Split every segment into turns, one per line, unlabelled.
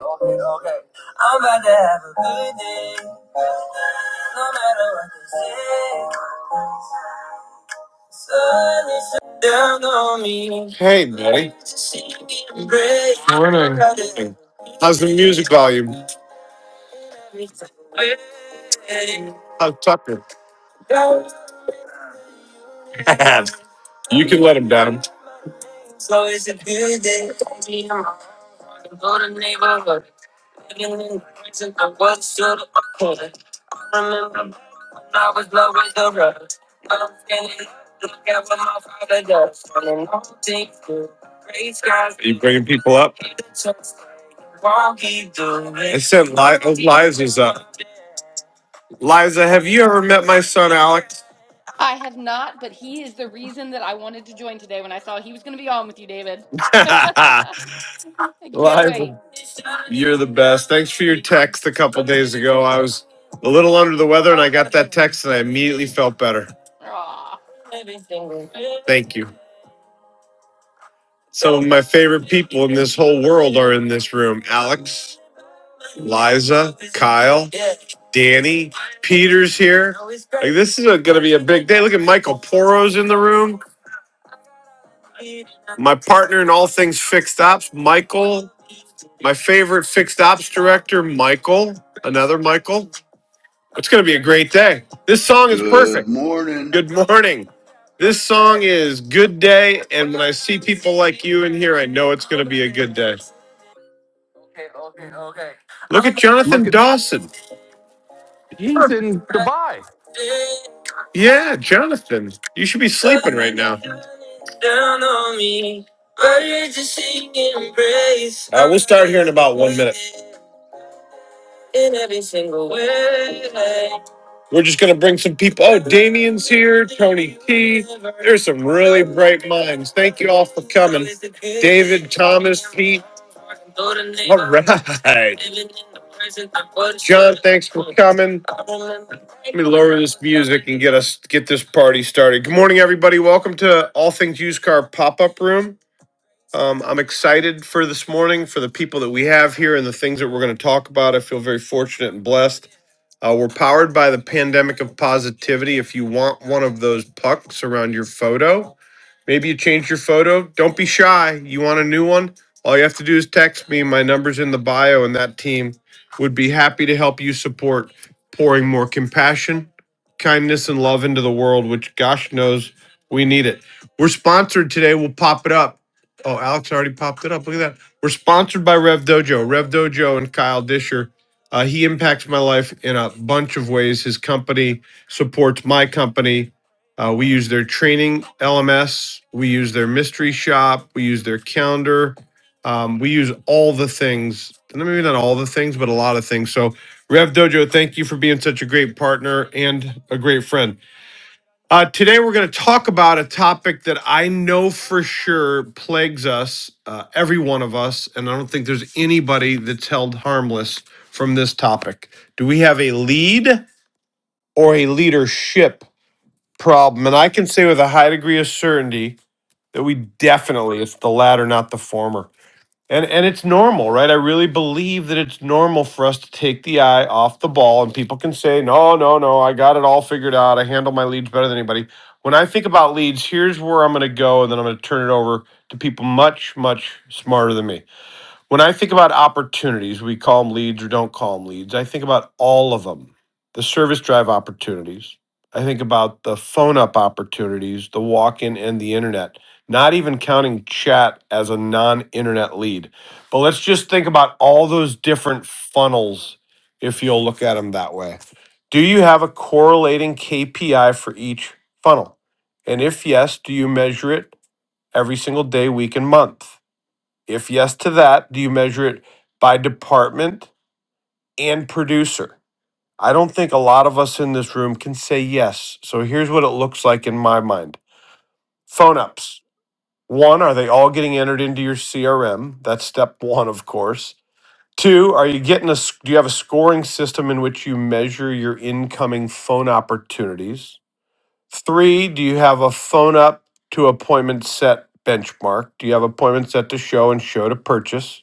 Okay, okay. I'm about to have a good day. No matter what they say. Sun is shining down on me. Hey, buddy.
Morning.
How's the music volume? How's Tucker? you can let him down. So it's a good day. Go to neighborhood. I remember I was low as the rush. I'm feeling look at what my father does. Running all things through gray skies. Are you bringing people up? I said Li- oh, Liza's up. Liza, have you ever met my son Alex?
I have not, but he is the reason that I wanted to join today when I saw he was going to be on with you, David. I can't wait.
Liza, you're the best. Thanks for your text a couple days ago. I was a little under the weather and I got that text and I immediately felt better.
Aw.
Thank you. Some of my favorite people in this whole world are in this room. Alex, Liza, Kyle, Danny, Peter's here. Like this is going to be a big day. Look at Michael Poro's in the room. My partner in all things fixed ops, Michael. My favorite fixed ops director, Michael. Another Michael. It's going to be a great day. This song is
Good
perfect.
morning.
Good morning. This song is good day, and when I see people like you in here, I know it's going to be a good day. Okay, okay, okay. Look at
Look
Jonathan
at
Dawson.
he's in Dubai.
Yeah, Jonathan. You should be sleeping right now. Down on me. I will start here in about one minute in every single way. We're just gonna bring some people. Oh, Damien's here, Tony T. There's some really bright minds. Thank you all for coming. David, Thomas, Pete. All right. John, thanks for coming. Let me lower this music and get us get this party started. Good morning, everybody. Welcome to All Things Used Car Pop Up Room. Um, I'm excited for this morning for the people that we have here and the things that we're going to talk about. I feel very fortunate and blessed. Uh, we're powered by the pandemic of positivity. If you want one of those pucks around your photo, Maybe you changed your photo. Don't be shy. You want a new one? All you have to do is text me. My number's in the bio, and that team would be happy to help you support pouring more compassion, kindness, and love into the world, which gosh knows we need it. We're sponsored today. We'll pop it up. Oh, Alex already popped it up. Look at that. We're sponsored by Rev Dojo. Rev Dojo and Kyle Disher. Uh, he impacts my life in a bunch of ways. His company supports my company uh, we use their training LMS. We use their mystery shop. We use their calendar. Um, we use all the things. Maybe not all the things, but a lot of things. So, Rev Dojo, thank you for being such a great partner and a great friend. Uh, today, we're going to talk about a topic that I know for sure plagues us, uh, every one of us, and I don't think there's anybody that's held harmless from this topic. Do we have a lead or a leadership problem, and I can say with a high degree of certainty that we definitely it's the latter, not the former. And and it's normal, right? I really believe that it's normal for us to take the eye off the ball, and people can say, "No, no, no, I got it all figured out. I handle my leads better than anybody." When I think about leads, here's where I'm going to go, and then I'm going to turn it over to people much, much smarter than me. When I think about opportunities, we call them leads or don't call them leads. I think about all of them the service drive opportunities. I think about the phone up opportunities, the walk in, and the internet, not even counting chat as a non internet lead. But let's just think about all those different funnels if you'll look at them that way. Do you have a correlating KPI for each funnel? And if yes, do you measure it every single day, week, and month? If yes to that, do you measure it by department and producer? I don't think a lot of us in this room can say yes. So here's what it looks like in my mind phone ups. One, are they all getting entered into your CRM? That's step one, of course. Two, are you getting a, do you have a scoring system in which you measure your incoming phone opportunities? Three, do you have a phone up to appointment set benchmark? Do you have appointment set to show and show to purchase?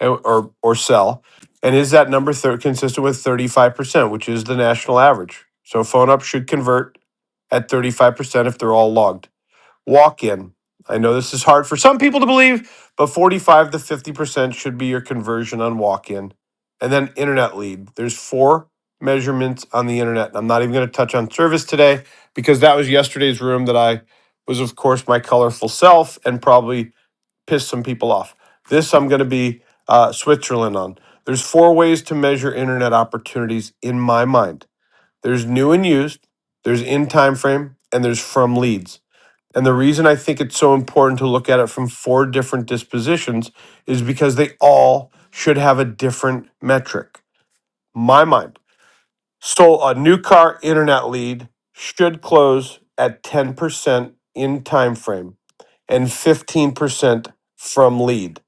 or or or sell? And is that number thir- consistent with 35%, which is the national average? So phone up should convert at 35% if they're all logged. Walk in. I know this is hard for some people to believe, but 45 to 50% should be your conversion on walk in. And then internet lead. There's four measurements on the internet. I'm not even going to touch on service today because that was yesterday's room that I was, of course, my colorful self and probably piss some people off. This I'm going to be uh, Switzerland on. There's four ways to measure internet opportunities in my mind. There's new and used, there's in time frame, and there's from leads. And the reason I think it's so important to look at it from four different dispositions is because they all should have a different metric. My mind. So a new car internet lead should close at 10% in time frame and 15% from lead.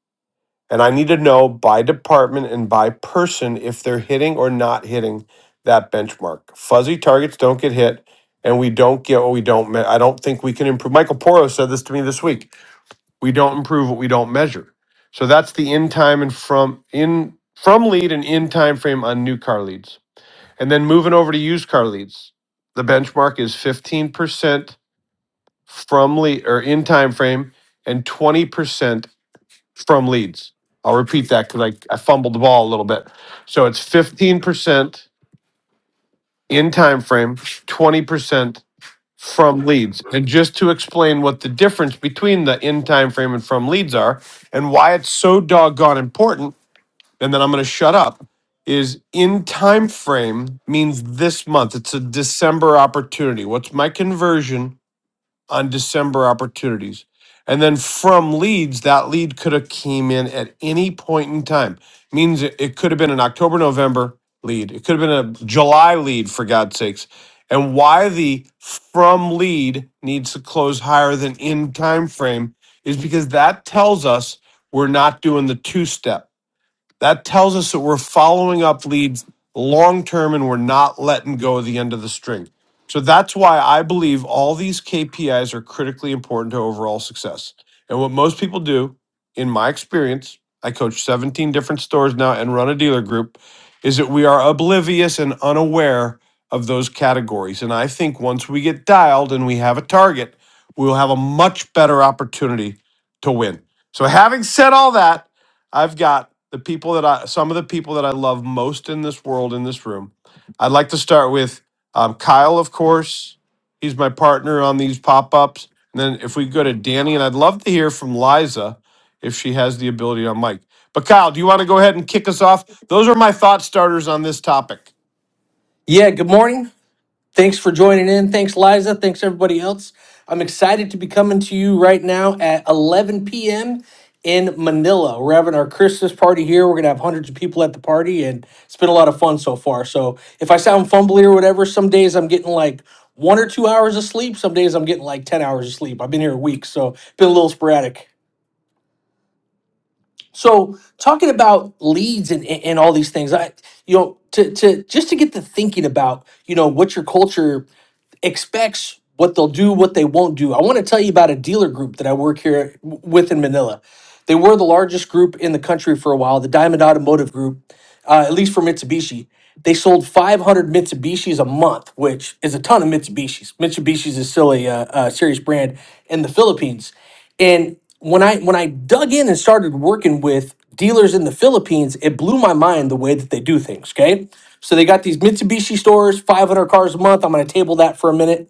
And I need to know by department and by person if they're hitting or not hitting that benchmark. Fuzzy targets don't get hit, and we don't get what we don't. Me- I don't think we can improve. Michael Porro said this to me this week. We don't improve what we don't measure. So that's the in time and from in from lead and in time frame on new car leads, and then moving over to used car leads. The benchmark is fifteen percent from lead or in time frame, and twenty percent from leads. I'll repeat that because I, I fumbled the ball a little bit. So it's 15% in time frame, 20% from leads. And just to explain what the difference between the in time frame and from leads are and why it's so doggone important, and then I'm going to shut up is in time frame means this month. It's a December opportunity. What's my conversion on December opportunities. And then from leads, that lead could have came in at any point in time. Means it, it could have been an October, November lead. It could have been a July lead for God's sakes. And why the from lead needs to close higher than in time frame is because that tells us we're not doing the two step that tells us that we're following up leads long term and we're not letting go of the end of the string. So that's why I believe all these KPIs are critically important to overall success. And what most people do, in my experience, I coach 17 different stores now and run a dealer group, is that we are oblivious and unaware of those categories. And I think once we get dialed and we have a target, we'll have a much better opportunity to win. So, having said all that, I've got the people that I, some of the people that I love most in this world, in this room. I'd like to start with um, Kyle, of course. He's my partner on these pop ups. And then if we go to Danny, and I'd love to hear from Liza if she has the ability on mic. But Kyle, do you want to go ahead and kick us off? Those are my thought starters on this topic.
Yeah, good morning. Thanks for joining in. Thanks, Liza. Thanks, everybody else. I'm excited to be coming to you right now at 11 p.m. in Manila. We're having our Christmas party here. We're going to have hundreds of people at the party, and it's been a lot of fun so far. So if I sound fumbly or whatever, some days I'm getting like one or two hours of sleep. Some days I'm getting like 10 hours of sleep. I've been here a week, so been a little sporadic. So talking about leads and, and and all these things, I you know to to just to get to thinking about you know what your culture expects, what they'll do, what they won't do. I want to tell you about a dealer group that I work here w- with in Manila. They were the largest group in the country for a while, the Diamond Automotive Group, uh, at least for Mitsubishi. They sold 500 Mitsubishis a month, which is a ton of Mitsubishis. Mitsubishis is still a, uh, a serious brand in the Philippines. And when I when I dug in and started working with dealers in the Philippines, it blew my mind the way that they do things. Okay, so they got these Mitsubishi stores, 500 cars a month. I'm going to table that for a minute.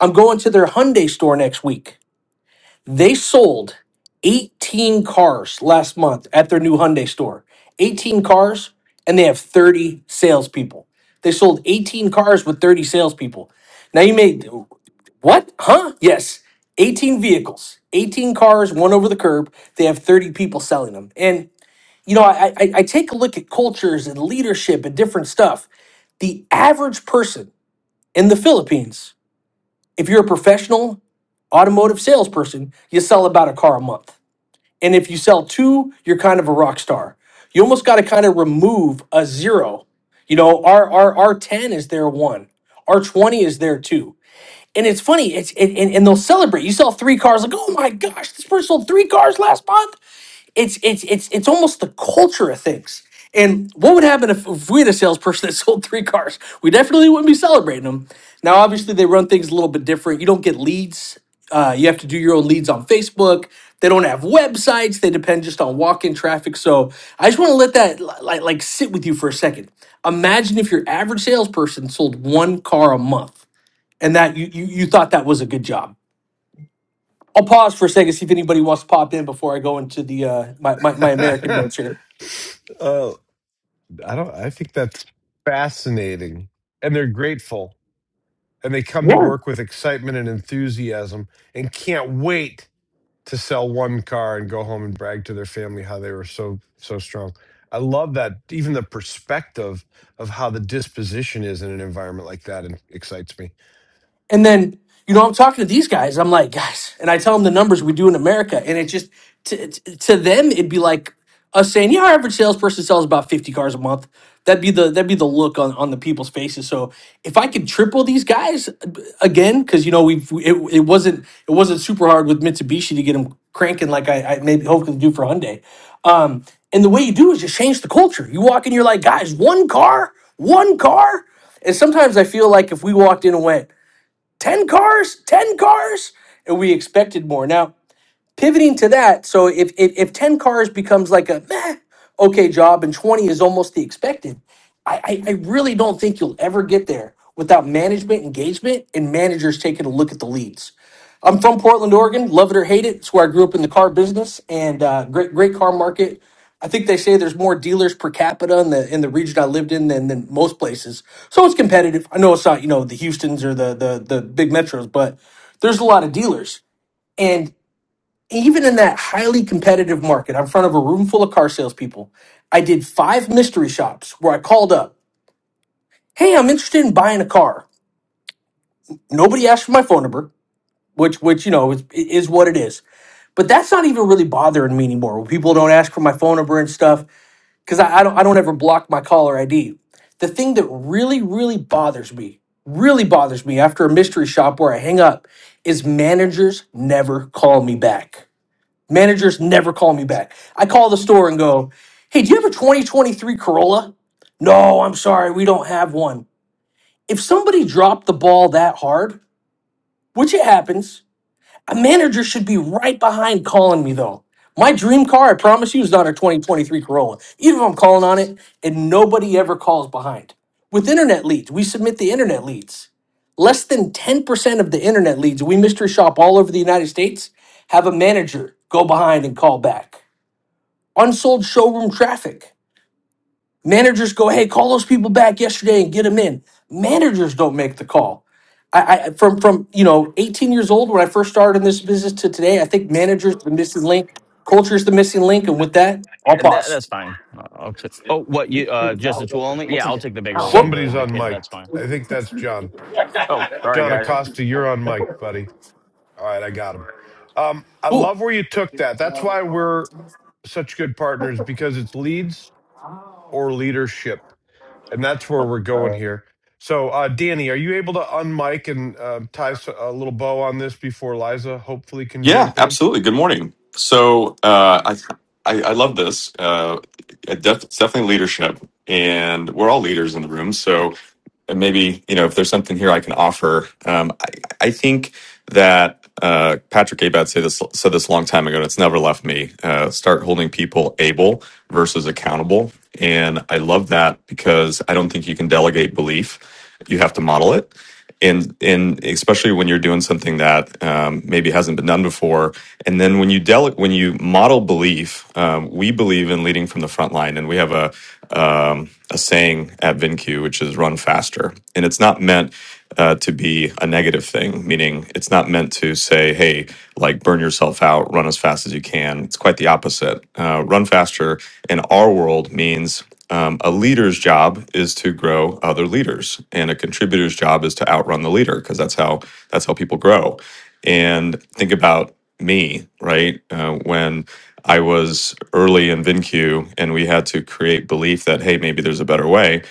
I'm going to their Hyundai store next week. They sold 18 cars last month at their new Hyundai store. 18 cars, and they have 30 salespeople. They sold 18 cars with 30 salespeople. Now you may. What? Huh? Yes. 18 vehicles, 18 cars, one over the curb. They have 30 people selling them. And, you know, I, I, I take a look at cultures and leadership and different stuff. The average person in the Philippines, if you're a professional automotive salesperson, you sell about a car a month. And if you sell two, you're kind of a rock star. You almost got to kind of remove a zero. You know, our, our, our 10 is their one, our 20 is their two and it's funny. It's it, and, and they'll celebrate. You sell three cars, like oh my gosh, this person sold three cars last month. It's it's it's it's almost the culture of things. And what would happen if, if we had a salesperson that sold three cars? We definitely wouldn't be celebrating them. Now, obviously, they run things a little bit different. You don't get leads. Uh, you have to do your own leads on Facebook. They don't have websites. They depend just on walk-in traffic. So I just want to let that like like sit with you for a second. Imagine if your average salesperson sold one car a month and that you, you you thought that was a good job. I'll pause for a second see if anybody wants to pop in before I go into the uh, my, my my American notes here.
oh, I don't. I think that's fascinating, and they're grateful, and they come to work with excitement and enthusiasm, and can't wait to sell one car and go home and brag to their family how they were so so strong. I love that even the perspective of how the disposition is in an environment like that and excites me.
And then, you know, I'm talking to these guys. I'm like, guys, and I tell them the numbers we do in America. And it just, to, to to them, it'd be like us saying, yeah, our average salesperson sells about 50 cars a month. That'd be the that'd be the look on, on the people's faces. So if I could triple these guys uh, b- again, because you know we've it, it wasn't it wasn't super hard with Mitsubishi to get them cranking like I, I maybe hopefully do for Hyundai. Um, and the way you do is just change the culture. You walk in, you're like, guys, one car, one car. And sometimes I feel like if we walked in and went, 10 cars, 10 cars. And we expected more. Now, pivoting to that so if, if if 10 cars becomes like a meh, okay job and 20 is almost the expected I, I i really don't think you'll ever get there without management engagement and managers taking a look at the leads i'm from portland oregon love it or hate it it's where i grew up in the car business and uh, great great car market i think they say there's more dealers per capita in the in the region i lived in than, than most places so it's competitive i know it's not you know the houstons or the the, the big metros but there's a lot of dealers and even in that highly competitive market, I'm in front of a room full of car salespeople. I did five mystery shops where I called up, "Hey, I'm interested in buying a car." Nobody asked for my phone number, which, which you know, is, is what it is. But that's not even really bothering me anymore. When people don't ask for my phone number and stuff, because I, I don't, I don't ever block my caller ID. The thing that really, really bothers me, really bothers me after a mystery shop where I hang up, is managers never call me back Managers never call me back. I call the store and go, "Hey, do you have a 2023 Corolla?" "No, I'm sorry, we don't have one." If somebody dropped the ball that hard, which it happens, a manager should be right behind calling me though. My dream car, I promise you, is not a 2023 Corolla. Even if I'm calling on it and nobody ever calls behind. With internet leads, we submit the internet leads. Less than 10% of the internet leads we mystery shop all over the United States have a manager go behind and call back unsold showroom traffic. Managers go, hey, call those people back yesterday and get them in. Managers don't make the call. I, I from from you know 18 years old when I first started in this business to today, I think managers the missing link, culture is the missing link, and with that, I'll
That
pause.
that's fine. Uh, I'll t- oh, what you uh just the tool only? Yeah, I'll take the bigger one,
Well,
the
Somebody's
the
on
kit. That's
mic.
fine.
I think that's John.
Oh, sorry
John
guys.
Acosta, you're on mic, buddy. All right, I got him. Um, I
cool.
love where you took that. That's why we're such good partners because it's leads or leadership. and that's where we're going here. So, uh, Danny, are you able to unmic and uh, tie s- a little bow on this before Liza hopefully can
Yeah,
jump in?
absolutely. Good morning. So uh, I, I I love this. Uh, it def- it's definitely leadership, and we're all leaders in the room. So and maybe you know if there's something here I can offer. Um, I think that uh, Patrick Abad said this said this a long time ago, and it's never left me. Uh, start holding people able versus accountable, and I love that because I don't think you can delegate belief; you have to model it. And, and especially when you're doing something that um, maybe hasn't been done before, and then when you dele- when you model belief, um, we believe in leading from the front line, and we have a um, a saying at VinQ, which is "run faster," and it's not meant uh, to be a negative thing, meaning it's not meant to say, hey, like burn yourself out, run as fast as you can. It's quite the opposite. Uh, run faster in our world means um, a leader's job is to grow other leaders, and a contributor's job is to outrun the leader because that's how that's how people grow. And think about me, right? Uh, when I was early in VinQ, and we had to create belief that hey, maybe there's a better way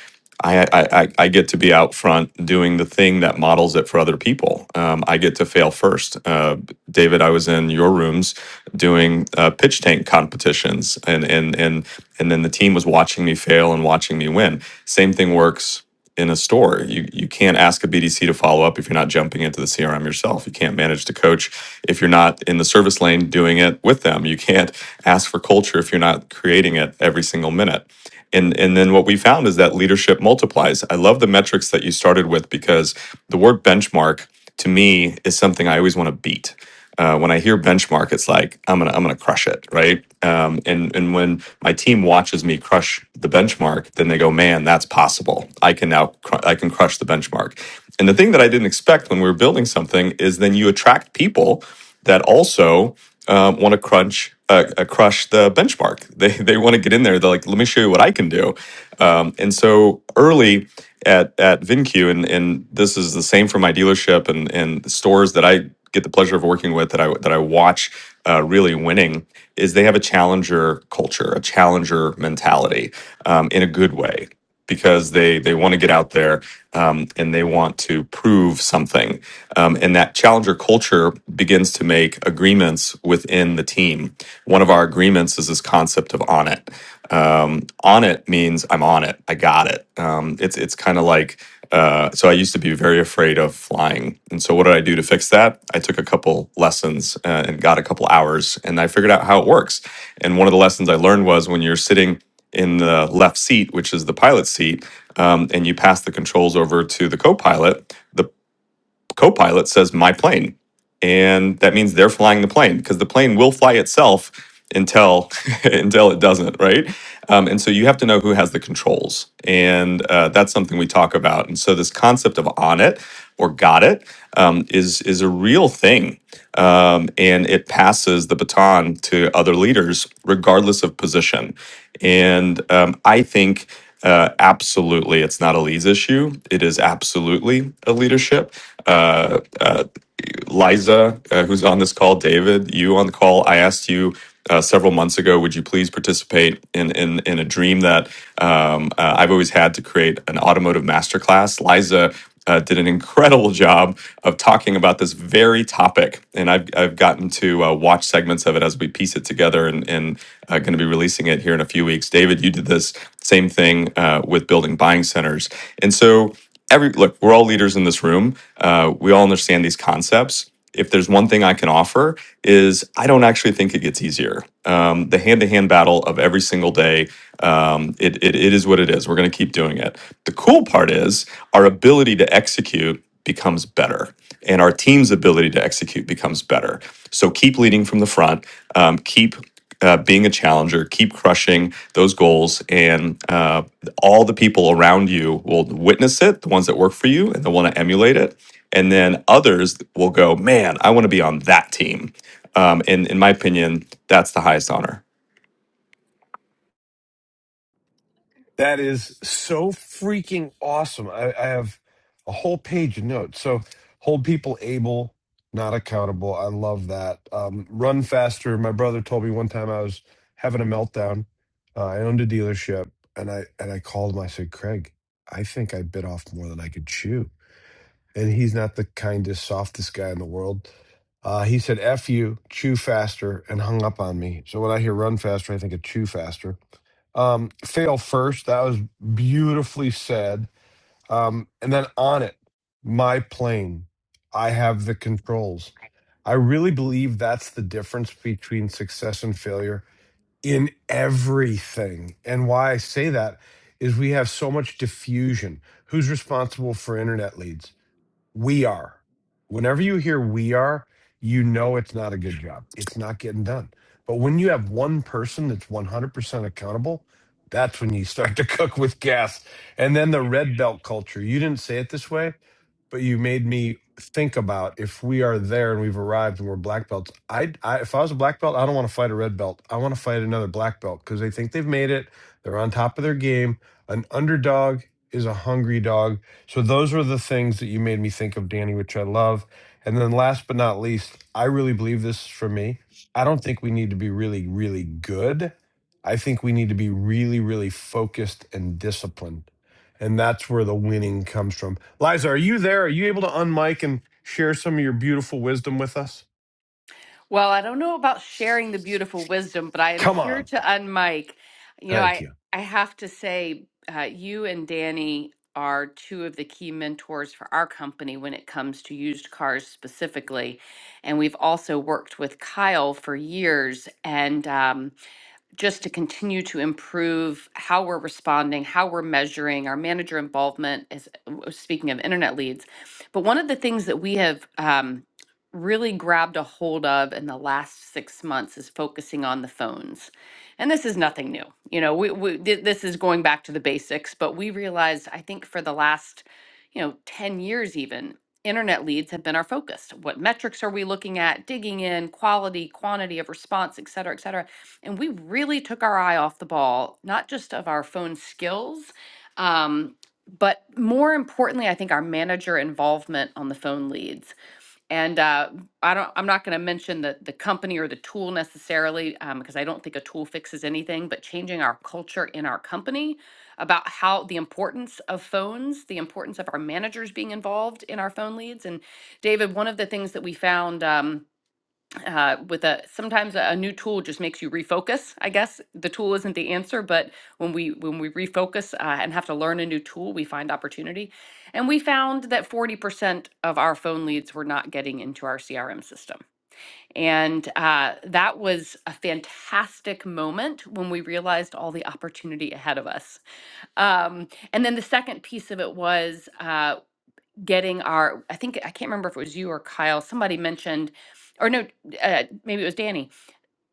I, I I I get to be out front doing the thing that models it for other people. Um, I get to fail first. Uh, David, I was in your rooms doing uh, pitch tank competitions, and and and and then the team was watching me fail and watching me win. Same thing works in a store. You you can't ask a BDC to follow up if you're not jumping into the CRM yourself. You can't manage the coach if you're not in the service lane doing it with them. You can't ask for culture if you're not creating it every single minute and and then what we found is that leadership multiplies i love the metrics that you started with because the word benchmark to me is something i always want to beat uh, when I hear benchmark, it's like I'm gonna I'm gonna crush it, right? Um, and and when my team watches me crush the benchmark, then they go, man, that's possible. I can now cr- I can crush the benchmark. And the thing that I didn't expect when we were building something is then you attract people that also um, want to crunch uh, uh, crush the benchmark. They they want to get in there. They're like, let me show you what I can do. Um, and so early at at VinQ, and and this is the same for my dealership and and the stores that I get the pleasure of working with that I that I watch uh, really winning is they have a challenger culture, a challenger mentality, um, in a good way because they they want to get out there um, and they want to prove something, um, and that challenger culture begins to make agreements within the team. One of our agreements is this concept of on it. Um, on it means I'm on it. I got it. Um, it's it's kind of like uh, so. I used to be very afraid of flying, and so what did I do to fix that? I took a couple lessons uh, and got a couple hours, and I figured out how it works. And one of the lessons I learned was when you're sitting in the left seat, which is the pilot seat, um, and you pass the controls over to the co-pilot, the co-pilot says "my plane," and that means they're flying the plane because the plane will fly itself until until it doesn't, right? Um, and so you have to know who has the controls. And uh, that's something we talk about. And so this concept of on it or got it um, is, is a real thing. Um, and it passes the baton to other leaders, regardless of position. And um, I think uh, absolutely it's not a leads issue. It is absolutely a leadership uh, uh, Liza, uh, who's on this call, David, you on the call. I asked you uh, several months ago, would you please participate in in, in a dream that um, uh, I've always had to create an automotive masterclass? Liza. Uh, did an incredible job of talking about this very topic, and I've I've gotten to uh, watch segments of it as we piece it together, and and uh, going to be releasing it here in a few weeks. David, you did this same thing uh, with building buying centers, and so every look we're all leaders in this room uh, we all understand these concepts if there's one thing i can offer is i don't actually think it gets easier um, the hand-to-hand battle of every single day um, it, it, it is what it is we're going to keep doing it the cool part is our ability to execute becomes better and our team's ability to execute becomes better so keep leading from the front um, keep uh, being a challenger, keep crushing those goals, and uh, all the people around you will witness it, the ones that work for you, and they'll want to emulate it. And then others will go, man, I want to be on that team. Um, and in my opinion, that's the highest honor.
That is so freaking awesome. I, I have a whole page of notes. So, hold people able, not accountable. I love that. Um, run faster. My brother told me one time I was having a meltdown. Uh, I owned a dealership, and I and I called him. I said, Craig, I think I bit off more than I could chew and he's not the kindest, softest guy in the world. Uh, he said, F you, chew faster, and hung up on me. So when I hear run faster, I think of chew faster. Um, fail first, that was beautifully said. Um, and then on it, my plane, I have the controls. I really believe that's the difference between success and failure in everything. And why I say that is we have so much diffusion. Who's responsible for internet leads? we are. Whenever you hear we are, you know it's not a good job. It's not getting done. But when you have one person that's 100% accountable, that's when you start to cook with gas. And then the red belt culture, you didn't say it this way, but you made me think about if we are there and we've arrived and we're black belts. I, I if I was a black belt, I don't want to fight a red belt. I want to fight another black belt because they think they've made it. They're on top of their game. An underdog is a hungry dog so those are the things that you made me think of, Danny, which I love. And then last but not least, I really believe this for me. I don't think we need to be really, really good. I think we need to be really, really focused and disciplined. And that's where the winning comes from. Liza, are you there? Are you able to unmic and share some of your beautiful wisdom with us?
Well, I don't know about sharing the beautiful wisdom, but I am
Come
here
on.
to unmic. You know,
Thank
I
you.
I have to say, uh, you and Danny are two of the key mentors for our company when it comes to used cars specifically, and we've also worked with Kyle for years. And um, just to continue to improve how we're responding, how we're measuring our manager involvement. As speaking of internet leads, but one of the things that we have um, really grabbed a hold of in the last six months is focusing on the phones, and this is nothing new. You know, we, we thi- this is going back to the basics, but we realized I think for the last you know ten years even. Internet leads have been our focus. What metrics are we looking at? Digging in, quality, quantity of response, et cetera, et cetera and we really took our eye off the ball, not just of our phone skills, um, but more importantly, I think our manager involvement on the phone leads. And uh, I don't, I'm not going to mention the the company or the tool necessarily because I don't think a tool fixes anything. But changing our culture in our company about how the importance of phones, the importance of our managers being involved in our phone leads. And David, one of the things that we found. Um, uh, with a sometimes a new tool just makes you refocus i guess the tool isn't the answer but when we when we refocus uh, and have to learn a new tool we find opportunity and we found that 40% of our phone leads were not getting into our crm system and uh, that was a fantastic moment when we realized all the opportunity ahead of us um, and then the second piece of it was uh, getting our i think i can't remember if it was you or kyle somebody mentioned or no uh, maybe it was danny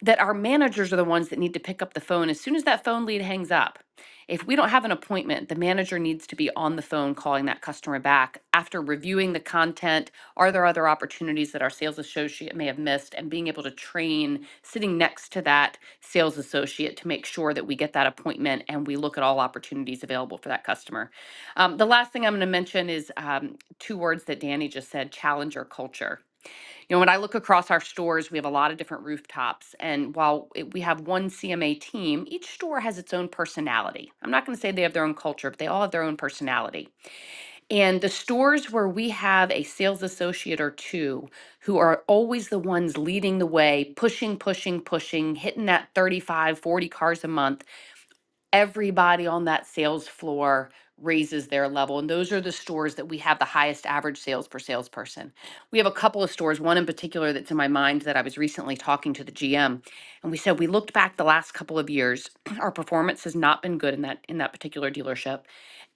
that our managers are the ones that need to pick up the phone as soon as that phone lead hangs up. If we don't have an appointment, the manager needs to be on the phone calling that customer back after reviewing the content. Are there other opportunities that our sales associate may have missed? And being able to train sitting next to that sales associate to make sure that we get that appointment and we look at all opportunities available for that customer. Um, the last thing I'm going to mention is um, two words that Danny just said challenger culture you know, when I look across our stores, we have a lot of different rooftops. And while it- we have one CMA team, each store has its own personality. I'm not going to say they have their own culture, but they all have their own personality. And the stores where we have a sales associate or two who are always the ones leading the way, pushing, pushing, pushing, hitting that 35, 40 cars a month, everybody on that sales floor raises their level. And those are the stores that we have the highest average sales per salesperson. We have a couple of stores, one in particular that's in my mind that I was recently talking to the GM, and we said we looked back the last couple of years, our performance has not been good in that in that particular dealership.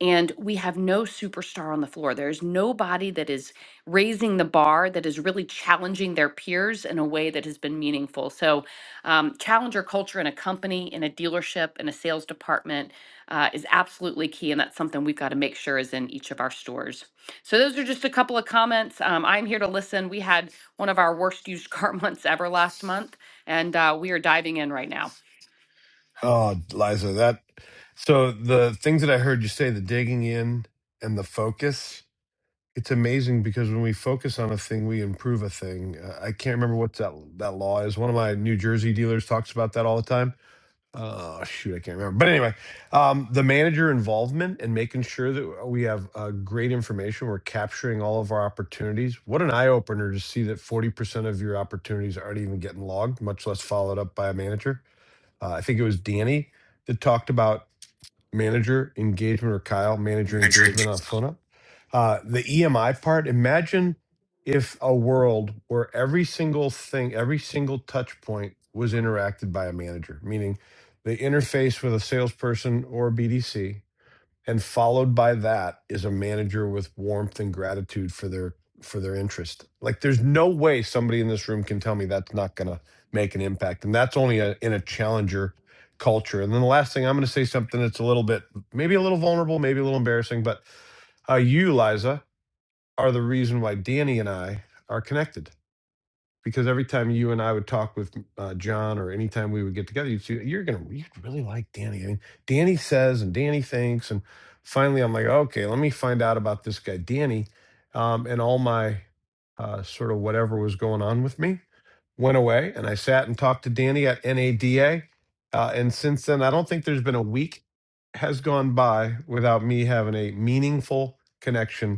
And we have no superstar on the floor. There's nobody that is raising the bar that is really challenging their peers in a way that has been meaningful. So um, challenger culture in a company, in a dealership, in a sales department uh, is absolutely key, and that's something we've got to make sure is in each of our stores. So those are just a couple of comments. Um, I'm here to listen. We had one of our worst used car months ever last month, and uh, we are diving in right now.
Oh, Liza, that so the things that I heard you say, the digging in and the focus it's amazing because when we focus on a thing, we improve a thing. Uh, I can't remember what that that law is. One of my New Jersey dealers talks about that all the time. Oh shoot, I can't remember. But anyway, um, the manager involvement and making sure that we have uh, great information. We're capturing all of our opportunities. What an eye opener to see that forty percent of your opportunities aren't even getting logged, much less followed up by a manager. Uh, I think it was Danny that talked about manager engagement or Kyle manager engagement on FUNA. Uh, the EMI part, imagine if a world where every single thing, every single touch point was interacted by a manager, meaning they interface with a salesperson or BDC and followed by that is a manager with warmth and gratitude for their for their interest like there's no way somebody in this room can tell me that's not going to make an impact and that's only a, in a challenger culture and then the last thing i'm going to say something that's a little bit maybe a little vulnerable maybe a little embarrassing but uh, you liza are the reason why danny and i are connected because every time you and I would talk with uh, John or anytime we would get together, you'd see, you're going to, you'd really like Danny. I mean, Danny says and Danny thinks. And finally, I'm like, okay, let me find out about this guy, Danny. Um, and all my uh, sort of whatever was going on with me went away. And I sat and talked to Danny at NADA. Uh, and since then, I don't think there's been a week has gone by without me having a meaningful connection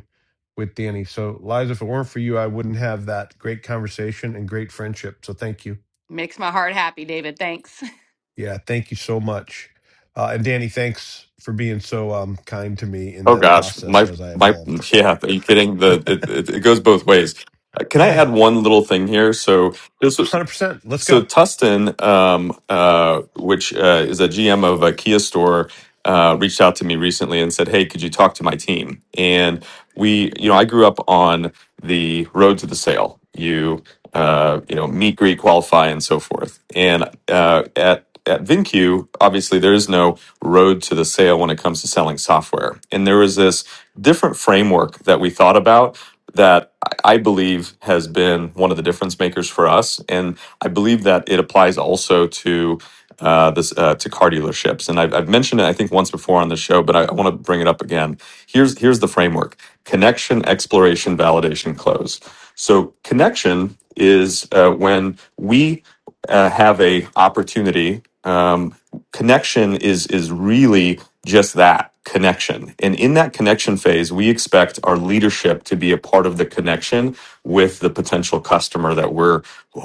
with Danny. So, Liza, if it weren't for you, I wouldn't have that great conversation and great friendship. So, thank you.
Makes my heart happy, David. Thanks.
Yeah, thank you so much. Uh, and Danny, thanks for being so um, kind to me in
Oh
that
gosh,
process
my
as I
my
evolved.
yeah, are you kidding? The it, it, it goes both ways. Uh, Can I add one little thing here? So this was
100%. Let's
So
go.
Tustin, um, uh, which uh, is a GM of a Kia store, uh, reached out to me recently and said, "Hey, could you talk to my team?" And we, you know, I grew up on the road to the sale. You, uh, you know, meet, greet, qualify, and so forth. And uh, at at VinQ, obviously, there is no road to the sale when it comes to selling software. And there was this different framework that we thought about that I I believe has been one of the difference makers for us. And I believe that it applies also to uh, this uh, to car dealerships, and I've, I've mentioned it I think once before on the show, but I, I want to bring it up again. Here's here's the framework: connection, exploration, validation, close. So connection is uh, when we uh, have a opportunity. um, connection is is really just that connection. And in that connection phase, we expect our leadership to be a part of the connection with the potential customer that we're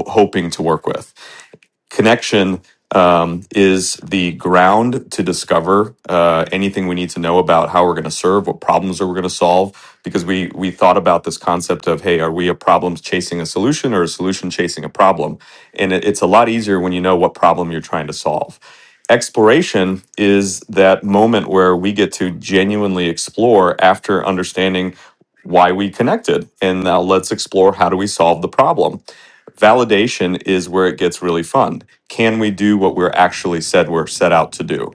hoping to work with. Connection um, is the ground to discover uh, anything we need to know about how we're going to serve, what problems are we going to solve, because we we thought about this concept of hey, are we a problems chasing a solution or a solution chasing a problem? And it, it's a lot easier when you know what problem you're trying to solve. Exploration is that moment where we get to genuinely explore after understanding why we connected and now let's explore how do we solve the problem Validation is where it gets really fun. Can we do what we're actually said we're set out to do?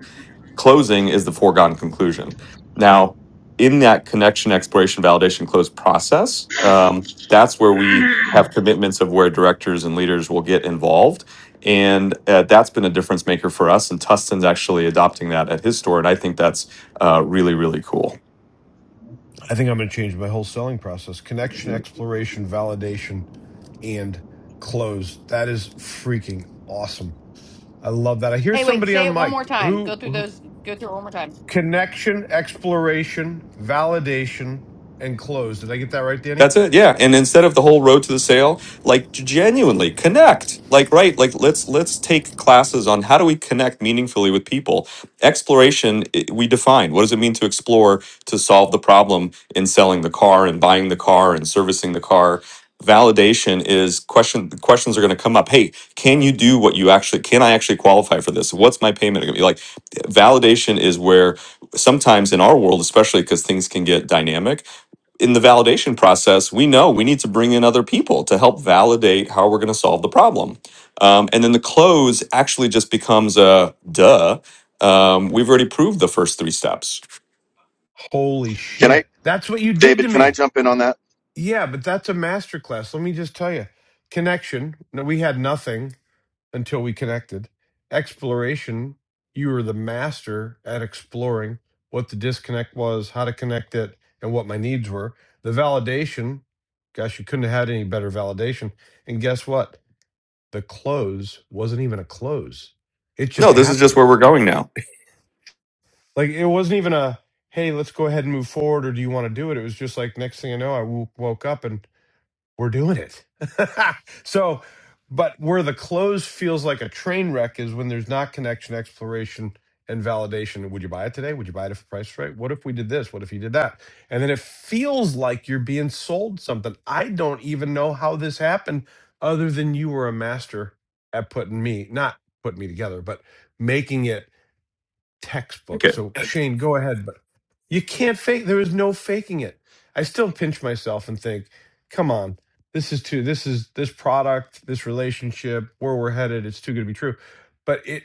Closing is the foregone conclusion. Now, in that connection, exploration, validation, close process, um, that's where we have commitments of where directors and leaders will get involved. And uh, that's been a difference maker for us. And Tustin's actually adopting that at his store. And I think that's uh, really, really cool.
I think I'm going to change my whole selling process connection, exploration, validation, and close. That is freaking awesome. I love that. I hear
Hey, wait,
somebody
say
on
it one more
mic.
time.
Who?
Go through
who
those. Go through it one more time.
Connection, exploration, validation, and close. Did I get that right, Danny?
That's it. Yeah. And instead of the whole road to the sale, like genuinely connect. Like right, like let's let's take classes on how do we connect meaningfully with people. Exploration i- we define. What does it mean to explore to solve the problem in selling the car and buying the car and servicing the car? Validation is question the questions are going to come up. Hey, can you do what you actually can I actually qualify for this? What's my payment going to be? Like validation is where sometimes in our world especially cuz things can get dynamic in the validation process, we know we need to bring in other people to help validate how we're going to solve the problem. Um, and then the close actually just becomes a duh. Um, we've already proved the first three steps.
Holy
Can I,
shit. That's what you did to
David? Can I
me.
jump in on that?
Yeah, but that's a masterclass. Let me just tell you. Connection. No, we had nothing until we connected. Exploration. You were the master at exploring what the disconnect was, how to connect it, and what my needs were. The validation. Gosh, you couldn't have had any better validation. And guess what? the close wasn't even a close. It just
No, this is just where
happened.
we're going now.
Like it wasn't even a hey, let's go ahead and move forward, or do you want to do it? It was just like next thing I know, I w- woke up and we're doing it. so, but where the close feels like a train wreck is when there's not connection, exploration, and validation. Would you buy it today? Would you buy it if the price is right? What if we did this? What if you did that? And then it feels like you're being sold something. I don't even know how this happened, other than you were a master at putting me, not putting me together, but making it
Okay.
textbook. So Shane, go ahead, but you can't fake. There is no faking it. I still pinch myself and think, come on, this is too. This is this product, this relationship, where we're headed. It's too good to be true. But it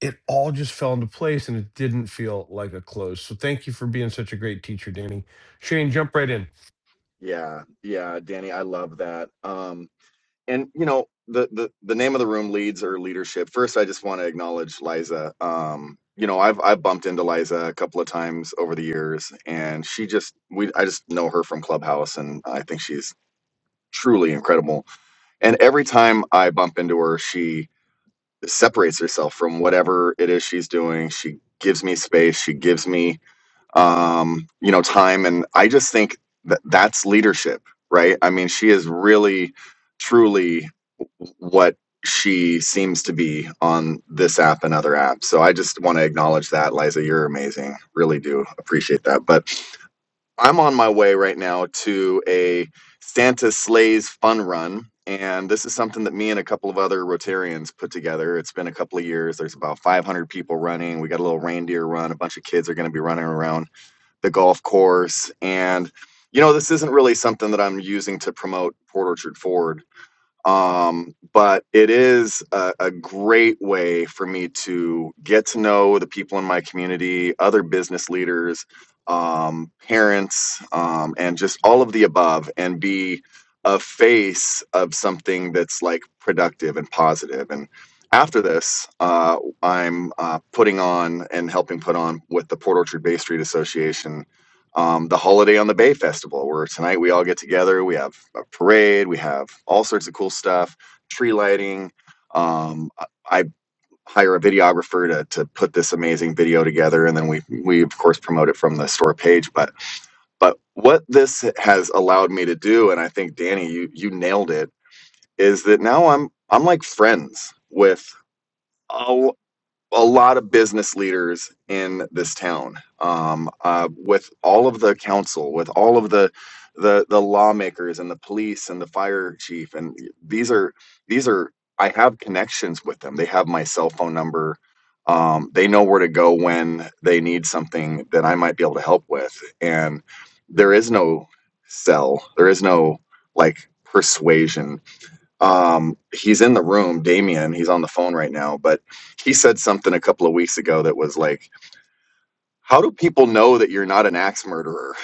it all just fell into place, and it didn't feel like a close. So thank you for being such a great teacher, Danny. Shane, jump right in.
Yeah, yeah, Danny, I love that. Um, and you know, the the the name of the room leads or leadership. First, I just want to acknowledge Liza. Um, you know, I've I've bumped into Liza a couple of times over the years, and she just we I just know her from Clubhouse, and I think she's truly incredible. And every time I bump into her, she separates herself from whatever it is she's doing. She gives me space. She gives me um, you know, time. And I just think that that's leadership, right? I mean, she is really, truly what she seems to be on this app and other apps. So I just want to acknowledge that, Liza. You're amazing. Really do appreciate that. But I'm on my way right now to a Santa Slays fun run. And this is something that me and a couple of other Rotarians put together. It's been a couple of years. There's about 500 people running. We got a little reindeer run. A bunch of kids are going to be running around the golf course. And, you know, this isn't really something that I'm using to promote Port Orchard Ford, um, but it is a, a great way for me to get to know the people in my community, other business leaders, um, parents, um, and just all of the above, and be a face of something that's like productive and positive. And after this, uh, I'm uh, putting on and helping put on with the Port Orchard Bay Street Association um, the Holiday on the Bay Festival, where tonight we all get together. We have a parade, we have all sorts of cool stuff, tree lighting. Um, I hire a videographer to, to put this amazing video together, and then we we of course promote it from the store page. But but what this has allowed me to do, and I think Danny, you you nailed it, is that now I'm I'm like friends with. a a lot of business leaders in this town, um, uh, with all of the council, with all of the the the lawmakers and the police and the fire chief, and these are these are I have connections with them. They have my cell phone number. Um, they know where to go when they need something that I might be able to help with. And there is no sell. There is no like persuasion um, he's in the room, Damien. He's on the phone right now, but he said something a couple of weeks ago that was like how do people know that you're not an axe murderer?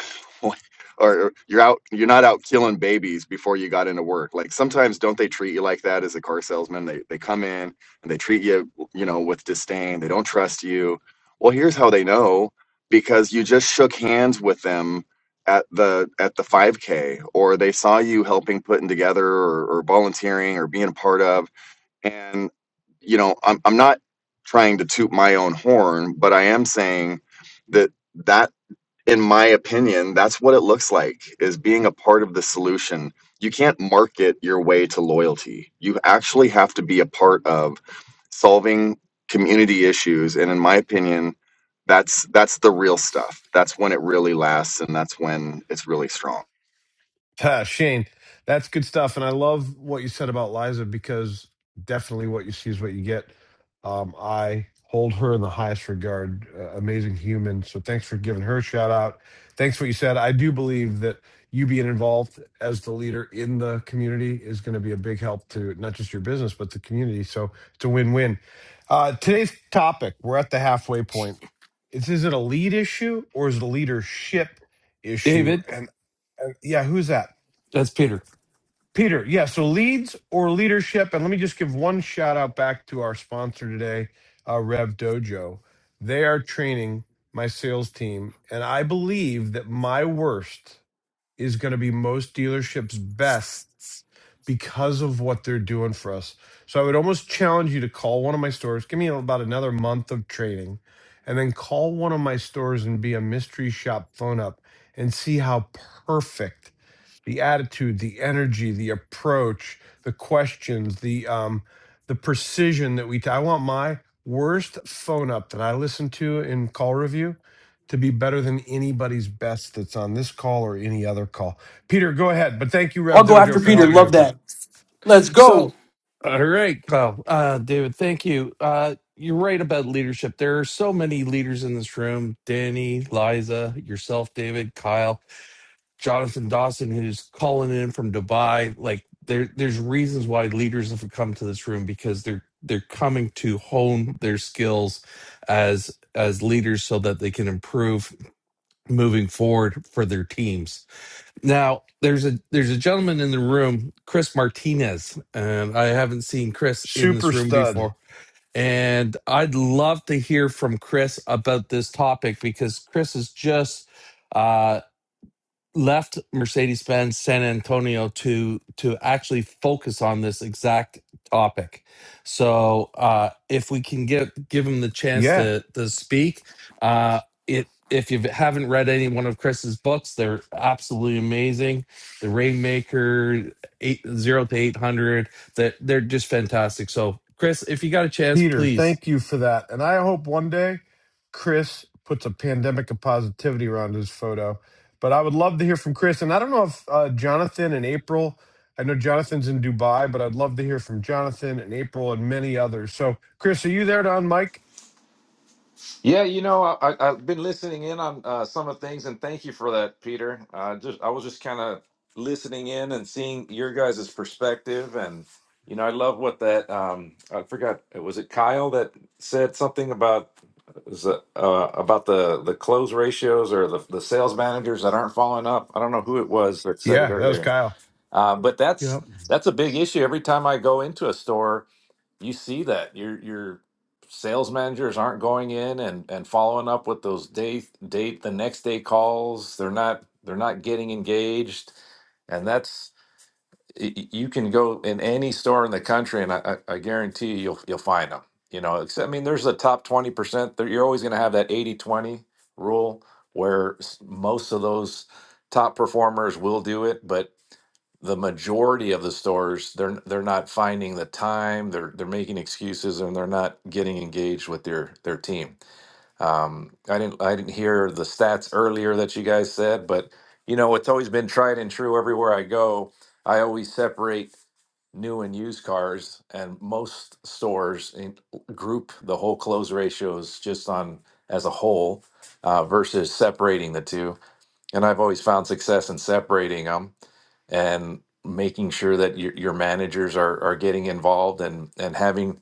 or you're out you're not out killing babies before you got into work like sometimes don't they treat you like that as a car salesman they they come in and they treat you you know with disdain they don't trust you well here's how they know because you just shook hands with them at the at the 5k or they saw you helping putting together or, or volunteering or being a part of and, you know, I'm, I'm not trying to toot my own horn, but I am saying that that, in my opinion, that's what it looks like is being a part of the solution. You can't market your way to loyalty. You actually have to be a part of solving community issues. And in my opinion, that's that's the real stuff. That's when it really lasts and that's when it's really strong.
Uh, Shane, that's good stuff. And I love what you said about Liza because definitely what you see is what you get. Um, I hold her in the highest regard. Uh, amazing human. So thanks for giving her a shout out. Thanks for what you said. I do believe that you being involved as the leader in the community is going to be a big help to not just your business, but the community. So it's a win win. Uh, today's topic, we're at the halfway point. It's is it a lead issue or is it a leadership issue?
David,
And, and yeah, who's that?
that's Peter.
Peter, yeah, so leads or leadership. And let me just give one shout out back to our sponsor today, uh, Rev Dojo. They are training my sales team. And I believe that my worst is going to be most dealerships' bests because of what they're doing for us. So I would almost challenge you to call one of my stores. Give me about another month of trading, and then call one of my stores and be a mystery shop phone up and see how perfect the attitude, the energy, the approach, the questions, the um, the precision that we. T- I want my worst phone up that I listened to in call review to be better than anybody's best that's on this call or any other call. Peter, go ahead. But thank you,
I'll
Rev
go after
Dojo, for
Peter.
helping me
Love
with that.
that. Let's
So,
go.
all right, Kyle. Uh, David, thank you. Uh, you're right about leadership. There are so many leaders in this room Danny, Liza, yourself, David, Kyle, Jonathan Dawson, who's calling in from Dubai. Like, there, there's reasons why leaders have come to this room because they're they're coming to hone their skills as as leaders so that they can improve moving forward for their teams Now there's a there's a gentleman in the room, Chris Martinez, and I haven't seen Chris in
Super
this room
stud.
before. And I'd love to hear from Chris about this topic because Chris is just uh, left Mercedes-Benz San Antonio to to actually focus on this exact topic. So uh, if we can get give him the chance
Yeah.
to to speak, uh, it if you haven't read any one of Chris's books, they're absolutely amazing. The Rainmaker, eight, zero to eight hundred, that they're just fantastic. So Chris, if you got a chance,
Peter,
please
thank you for that. And I hope one day Chris puts a pandemic of positivity around his photo. But I would love to hear from Chris. And I don't know if uh, Jonathan and April, I know Jonathan's in Dubai, but I'd love to hear from Jonathan and April and many others. So, Chris, are you there, Don Mike?
Yeah, you know, I, I, I've been listening in on uh, some of the things, and thank you for that, Peter. Uh, just I was just kind of listening in and seeing your guys' perspective, and you know, I love what that um, I forgot was it Kyle that said something about was it, uh, about the the close ratios or the the sales managers that aren't following up. I don't know who it was that said it
Yeah, that was
earlier,
Kyle.
uh, but that's
Yep.
that's a big issue. Every time I go into a store, you see that your your sales managers aren't going in and and following up with those day date the next day calls they're not they're not getting engaged and that's y- y- you can go in any store in the country and i i I guarantee you you'll you'll find them you know except i mean there's a top 20% that you're always going to have that 80 20 rule where s- most of those top performers will do it but the majority of the stores they're they're not finding the time they're they're making excuses and they're not getting engaged with their their team um i didn't i didn't hear the stats earlier that you guys said but you know it's always been tried and true everywhere i go i always separate new and used cars and most stores in group the whole close ratios just on as a whole uh, versus separating the two and i've always found success in separating them and making sure that your, your managers are, are getting involved and, and having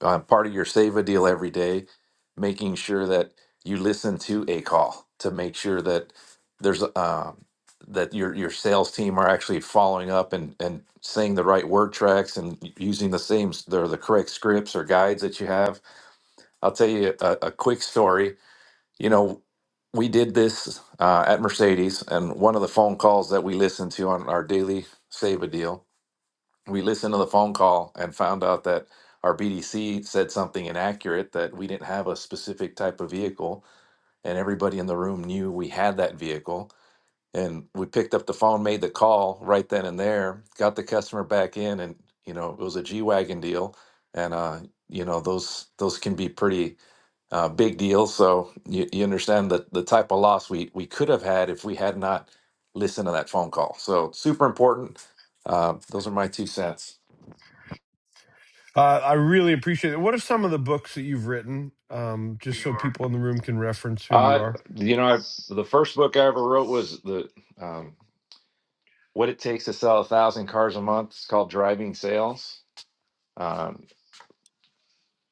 uh, part of your save a deal every day, making sure that you listen to a call to make sure that there's um, that your your sales team are actually following up and, and saying the right word tracks and using the same or the the correct scripts or guides that you have. I'll tell you a, a quick story you know, we did this uh, at Mercedes, and one of the phone calls that we listened to on our daily save a deal, we listened to the phone call and found out that our BDC said something inaccurate that we didn't have a specific type of vehicle, and everybody in the room knew we had that vehicle. And we picked up the phone, made the call right then and there, got the customer back in, and you know it was a G wagon deal, and uh, you know those those can be pretty uh, big deal. So you, you understand that the type of loss we we could have had if we had not listened to that phone call. So super important. Uh, those are my two cents.
Uh, I really appreciate it. What are some of the books that you've written, um, just so people in the room can reference who you
Uh,
are?
you know, I, the first book I ever wrote was the um, "What It Takes to Sell a Thousand Cars a Month." It's called Driving Sales. Um,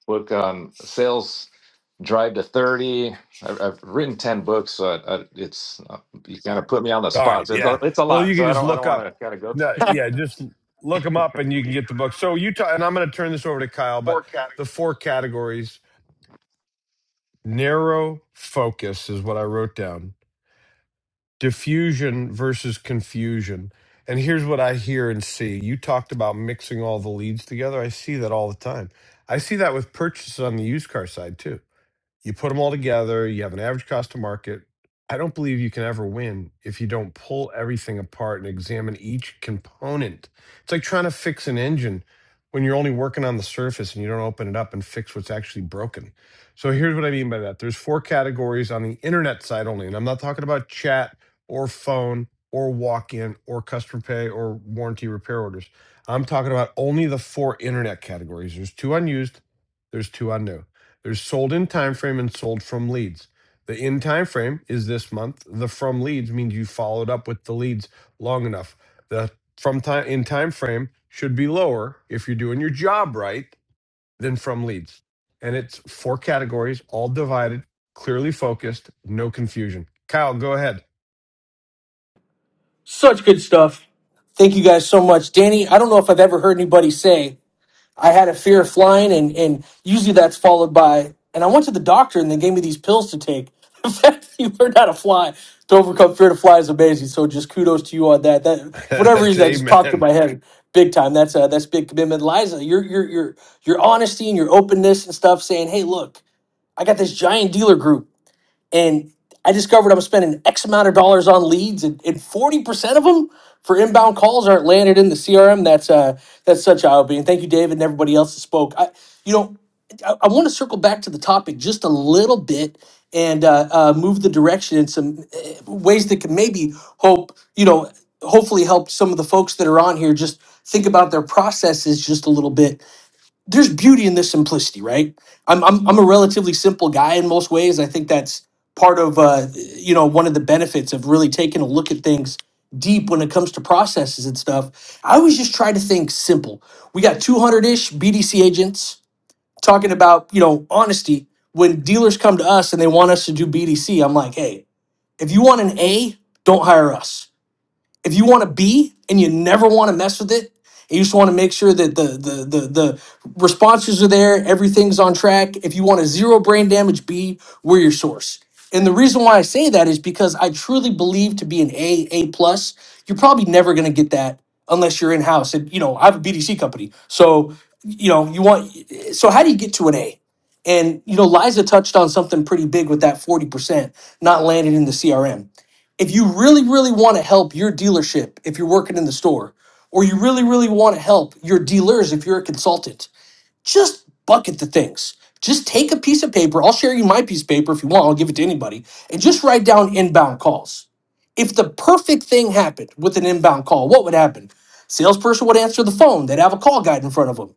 book on sales drive to thirty. I've, I've written ten books, so I, I, it's uh, you kind of put me on the
All right.
spot. So it's a,
Yeah.
it's a
Well, you
lot,
can
so I
just
don't I don't
look
want
up.
to kind of go
No, yeah, just look them up and you can get the book. So Utah, and I'm going to turn this over to Kyle, but the four categories narrow focus is what I wrote down, diffusion versus confusion. And here's what I hear and see. You talked about mixing all the leads together. I see that all the time. I see that with purchases on the used car side too you put them all together, you have an average cost to market. I don't believe you can ever win if you don't pull everything apart and examine each component. It's like trying to fix an engine when you're only working on the surface and you don't open it up and fix what's actually broken. So here's what I mean by that. There's four categories on the internet side only, and I'm not talking about chat or phone or walk-in or customer pay or warranty repair orders. I'm talking about only the four internet categories. There's two unused, there's two unused. There's sold in time frame and sold from leads. The in time frame is this month. The from leads means you followed up with the leads long enough. The from time in time frame should be lower if you're doing your job right than from leads. And it's four categories, all divided, clearly focused, no confusion. Kyle, go ahead.
Such good stuff. Thank you guys so much, Danny. I don't know if I've ever heard anybody say I had a fear of flying, and and usually that's followed by. And I went to the doctor, and they gave me these pills to take. The fact that you learned how to fly to overcome fear to fly is amazing. So just kudos to you on that. That for whatever
That's
reason that just popped in
amen.
my head big time. That's uh, that's big commitment, Liza. Your your your your honesty and your openness and stuff, saying, "Hey, look, I got this giant dealer group and I discovered I'm spending X amount of dollars on leads, and and forty percent of them for inbound calls aren't landed in the CRM. That's uh, that's such eye opening. Thank you, David, and everybody else that spoke. I, you know, I, I want to circle back to the topic just a little bit and uh, uh, move the direction in some uh, ways that can maybe hope you know hopefully help some of the folks that are on here just think about their processes just a little bit there's beauty in this simplicity, right? I'm I'm I'm a relatively simple guy in most ways. I think that's part of uh, you know one of the benefits of really taking a look at things deep when it comes to processes and stuff. I always just try to think simple. We got 200 ish BDC agents talking about you know honesty. When dealers come to us and they want us to do BDC, I'm like, hey, if you want an A, don't hire us. If you want to be and you never want to mess with it, and you just want to make sure that the, the the the responses are there, everything's on track. If you want to zero brain damage, B, we're your source. And the reason why I say that is because I truly believe to be an A, A plus, you're probably never going to get that unless you're in house. And you know, I have a BDC company, so you know, you want. So how do you get to an A? And you know, Liza touched on something pretty big with that forty percent not landed in the CRM if you really really want to help your dealership if you're working in the store or you really really want to help your dealers if you're a consultant just bucket the things just take a piece of paper i'll share you my piece of paper if you want i'll give it to anybody and just write down inbound calls if the perfect thing happened with an inbound call what would happen salesperson would answer the phone they'd have a call guide in front of them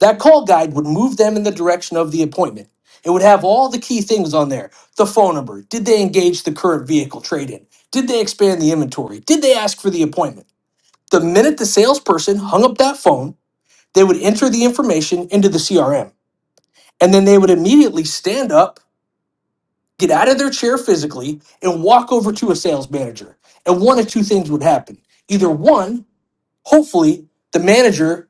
that call guide would move them in the direction of the appointment. It would have all the key things on there the phone number. Did they engage the current vehicle trade in? Did they expand the inventory? Did they ask for the appointment? The minute the salesperson hung up that phone, they would enter the information into the CRM. And then they would immediately stand up, get out of their chair physically, and walk over to a sales manager. And one of two things would happen. Either one, hopefully, the manager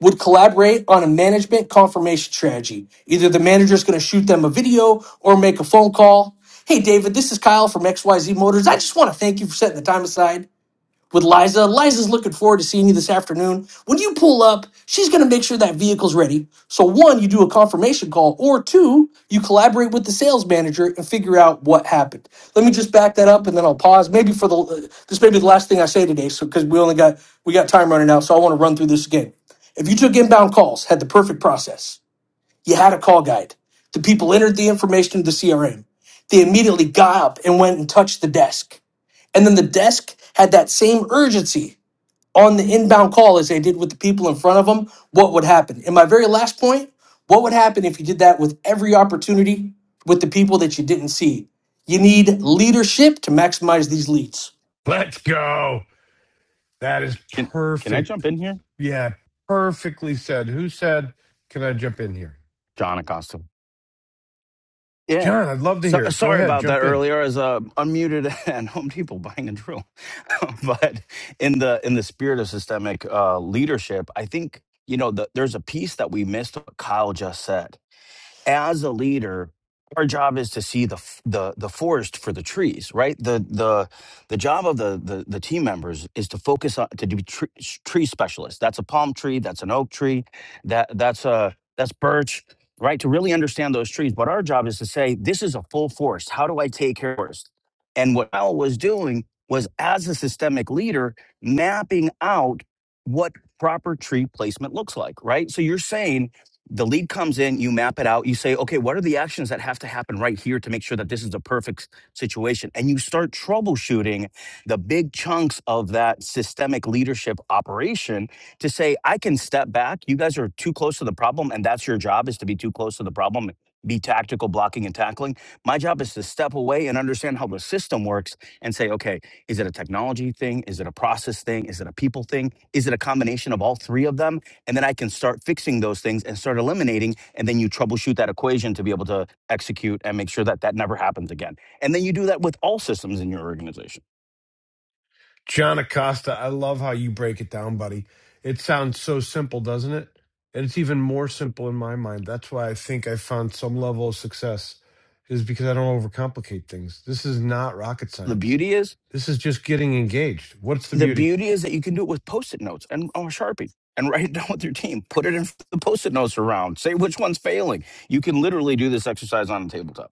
would collaborate on a management confirmation strategy. Either the manager's going to shoot them a video or make a phone call. Hey, David, this is Kyle from XYZ Motors. I just want to thank you for setting the time aside with Liza. Liza's looking forward to seeing you this afternoon. When you pull up, she's going to make sure that vehicle's ready. So, one, you do a confirmation call, or two, you collaborate with the sales manager and figure out what happened. Let me just back that up, and then I'll pause. Maybe for the this may be the last thing I say today, so because we only got we got time running out, so I want to run through this again. If you took inbound calls, had the perfect process, you had a call guide. The people entered the information into the CRM. They immediately got up and went and touched the desk. And then the desk had that same urgency on the inbound call as they did with the people in front of them. What would happen? And my very last point what would happen if you did that with every opportunity with the people that you didn't see? You need leadership to maximize these leads.
Let's go. That is
Can can I jump
perfect.
in here?
Yeah, perfectly said. Who said? Can I jump in here?
John Acosta. Yeah.
John, I'd love to
So
hear it. Go
sorry
ahead,
about that
jump in.
earlier. As uh, unmuted and Home Depot buying a drill, but in the in the spirit of systemic uh, leadership, I think you know the, there's a piece that we missed. What Kyle just said as a leader our job is to see the f- the the forest for the trees right the the the job of the the, the team members is to focus on to be tree, tree specialists that's a palm tree that's an oak tree that that's a that's birch right to really understand those trees but our job is to say this is a full forest how do i take care of the forest and what al was doing was as a systemic leader mapping out what proper tree placement looks like right so you're saying the lead comes in, you map it out, you say, okay, what are the actions that have to happen right here to make sure that this is a perfect situation? And you start troubleshooting the big chunks of that systemic leadership operation to say, I can step back. You guys are too close to the problem, and that's your job is to be too close to the problem. Be tactical, blocking and tackling. My job is to step away and understand how the system works and say, okay, is it a technology thing? Is it a process thing? Is it a people thing? Is it a combination of all three of them? and then I can start fixing those things and start eliminating. And then you troubleshoot that equation to be able to execute and make sure that that never happens again. And then you do that with all systems in your organization.
John Acosta, I love how you break it down, buddy. It sounds so simple, doesn't it? And it's even more simple in my mind. That's why I think I found some level of success is because I don't overcomplicate things. This is not rocket
The
science.
beauty is,
This is just getting engaged. What's the
the
beauty?
beauty is that you can do it with post-it notes and or Sharpie and write it down with your team. Put it in the post-it notes around. Say which one's failing. You can literally do this exercise on a tabletop.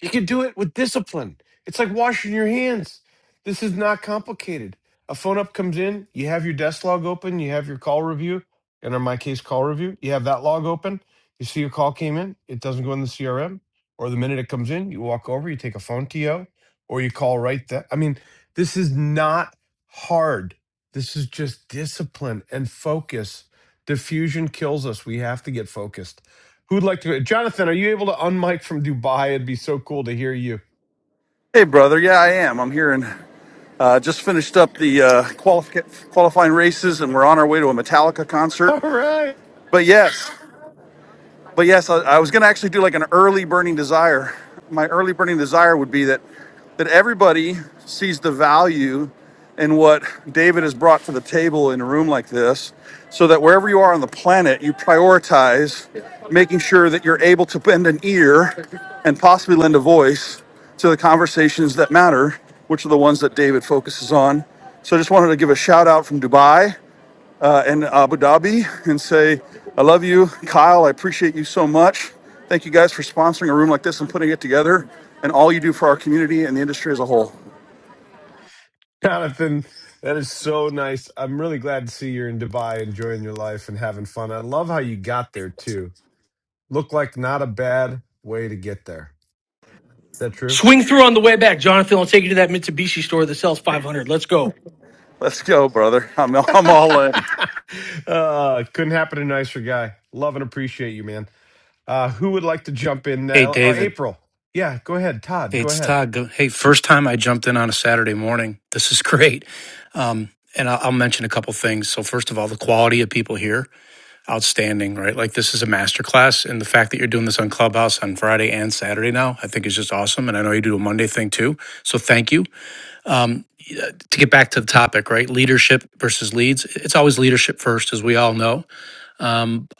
You can do it with discipline. It's like washing your hands. This is not complicated. A phone up comes in, you have your desk log open, you have your call review, and in my case, call review, you have that log open. You see your call came in, it doesn't go in the CRM, or the minute it comes in, you walk over, you take a phone TO, or you call right there. I mean, this is not hard. This is just discipline and focus. Diffusion kills us. We have to get focused. Who'd like to? Jonathan, are you able to unmic from Dubai? It'd be so cool to hear you.
Hey, brother. Yeah, I am. I'm here and uh, just finished up the uh, qualifi- qualifying races, and we're on our way to a Metallica concert.
All right,
But yes, but yes, I, I was going to actually do like an early burning desire. My early burning desire would be that that everybody sees the value in what David has brought to the table in a room like this, so that wherever you are on the planet, you prioritize making sure that you're able to bend an ear and possibly lend a voice to the conversations that matter, which are the ones that David focuses on. So I just wanted to give a shout out from Dubai uh, in Abu Dhabi and say, I love you, Kyle. I appreciate you so much. Thank you guys for sponsoring a room like this and putting it together and all you do for our community and the industry as a whole.
Jonathan. That is so nice. I'm really glad to see you're in Dubai enjoying your life and having fun. I love how you got there too. Looked like not a bad way to get there. Is that true?
Swing through on the way back, Jonathan. I'll take you to that Mitsubishi store that sells 500. Let's go.
Let's go, brother. I'm, I'm all in.
uh, couldn't happen to a nicer guy. Love and appreciate you, man. Uh, who would like to jump in?
Hey,
Uh, uh,
David.
April. Yeah, go ahead. Todd,
Hey,
go
it's
ahead.
Todd. Go- Hey, first time I jumped in on a Saturday morning. This is great. Um, and I'll, I'll mention a couple things. So, first of all, the quality of people here, outstanding, right? Like, this is a masterclass. And the fact that you're doing this on Clubhouse on Friday and Saturday now, I think is just awesome. And I know you do a Monday thing too. So, thank you. To get back to the topic, right? Leadership versus leads. It's always leadership first, as we all know.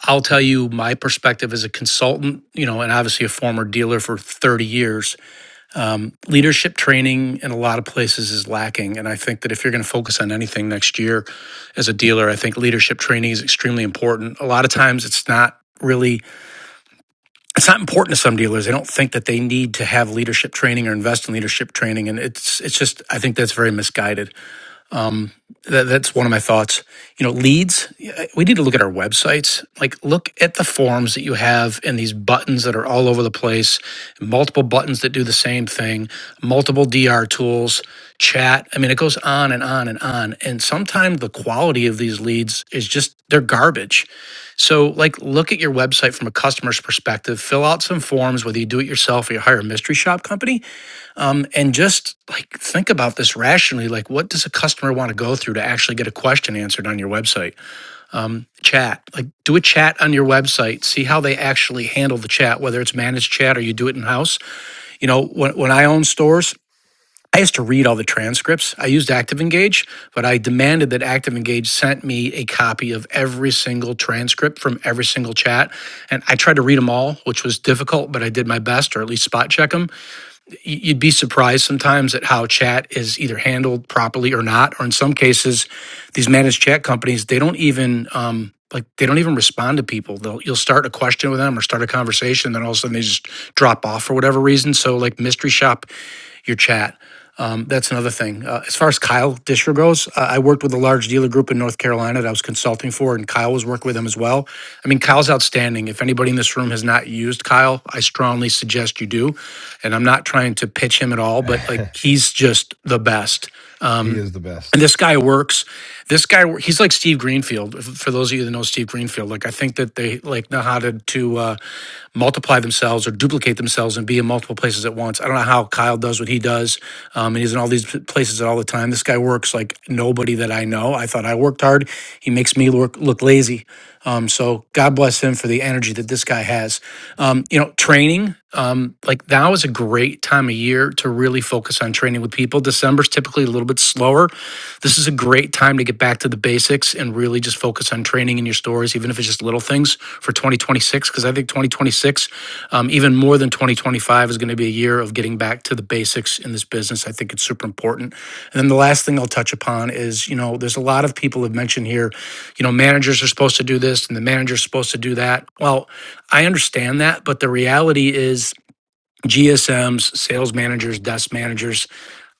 I'll tell you my perspective as a consultant, you know, and obviously a former dealer for 30 years leadership training in a lot of places is lacking. And I think that if you're going to focus on anything next year as a dealer, I think leadership training is extremely important. A lot of times it's not really it's not important to some dealers. They don't think that they need to have leadership training or invest in leadership training. And it's it's just I think that's very misguided that, that's one of my thoughts. You know, leads, yeah, we need to look at our websites. Like, look at the forms that you have and these buttons that are all over the place, multiple buttons that do the same thing, multiple DR tools, chat. I mean, it goes on and on and on. And sometimes the quality of these leads is just, they're garbage. So, like, look at your website from a customer's perspective, fill out some forms, whether you do it yourself or you hire a mystery shop company um, and just like think about this rationally. Like, what does a customer want to go through to actually get a question answered on your website? Um, chat, like, do a chat on your website. See how they actually handle the chat, whether it's managed chat or you do it in house. You know, when, when I own stores, I used to read all the transcripts. I used ActiveEngage, but I demanded that ActiveEngage sent me a copy of every single transcript from every single chat. And I tried to read them all, which was difficult, but I did my best, or at least spot check them you'd be surprised sometimes at how chat is either handled properly or not or in some cases these managed chat companies they don't even um, like they don't even respond to people they'll you'll start a question with them or start a conversation then all of a sudden they just drop off for whatever reason so like mystery shop your chat. Um, that's another thing. Uh, as far as Kyle Disher goes, uh, I worked with a large dealer group in North Carolina that I was consulting for, and Kyle was working with them as well. I mean, Kyle's outstanding. If anybody in this room has not used Kyle, I strongly suggest you do. And I'm not trying to pitch him at all, but like he's just the best.
he
Um,
is the
and
best.
this guy works. This guy, he's like Steve Greenfield. For those of you that know Steve Greenfield, like I think that they like know how to to uh, multiply themselves or duplicate themselves and be in multiple places at once. I don't know how Kyle does what he does. Um, and he's in all these places all the time. This guy works like nobody that I know. I thought I worked hard. He makes me look look lazy. Um, so God bless him for the energy that this guy has. Um, you know, training um, like now is a great time of year to really focus on training with people. December's typically a little bit slower. This is a great time to get back to the basics and really just focus on training in your stores, even if it's just little things for 2026. Because I think 2026, um, even more than than 2025 is going to be a year of getting back to the basics in this business. I think it's super important. And then the last thing I'll touch upon is, you know, there's a lot of people have mentioned here, you know, managers are supposed to do this and the manager's supposed to do that. Well, I understand that, but the reality is GSMs, sales managers, desk managers,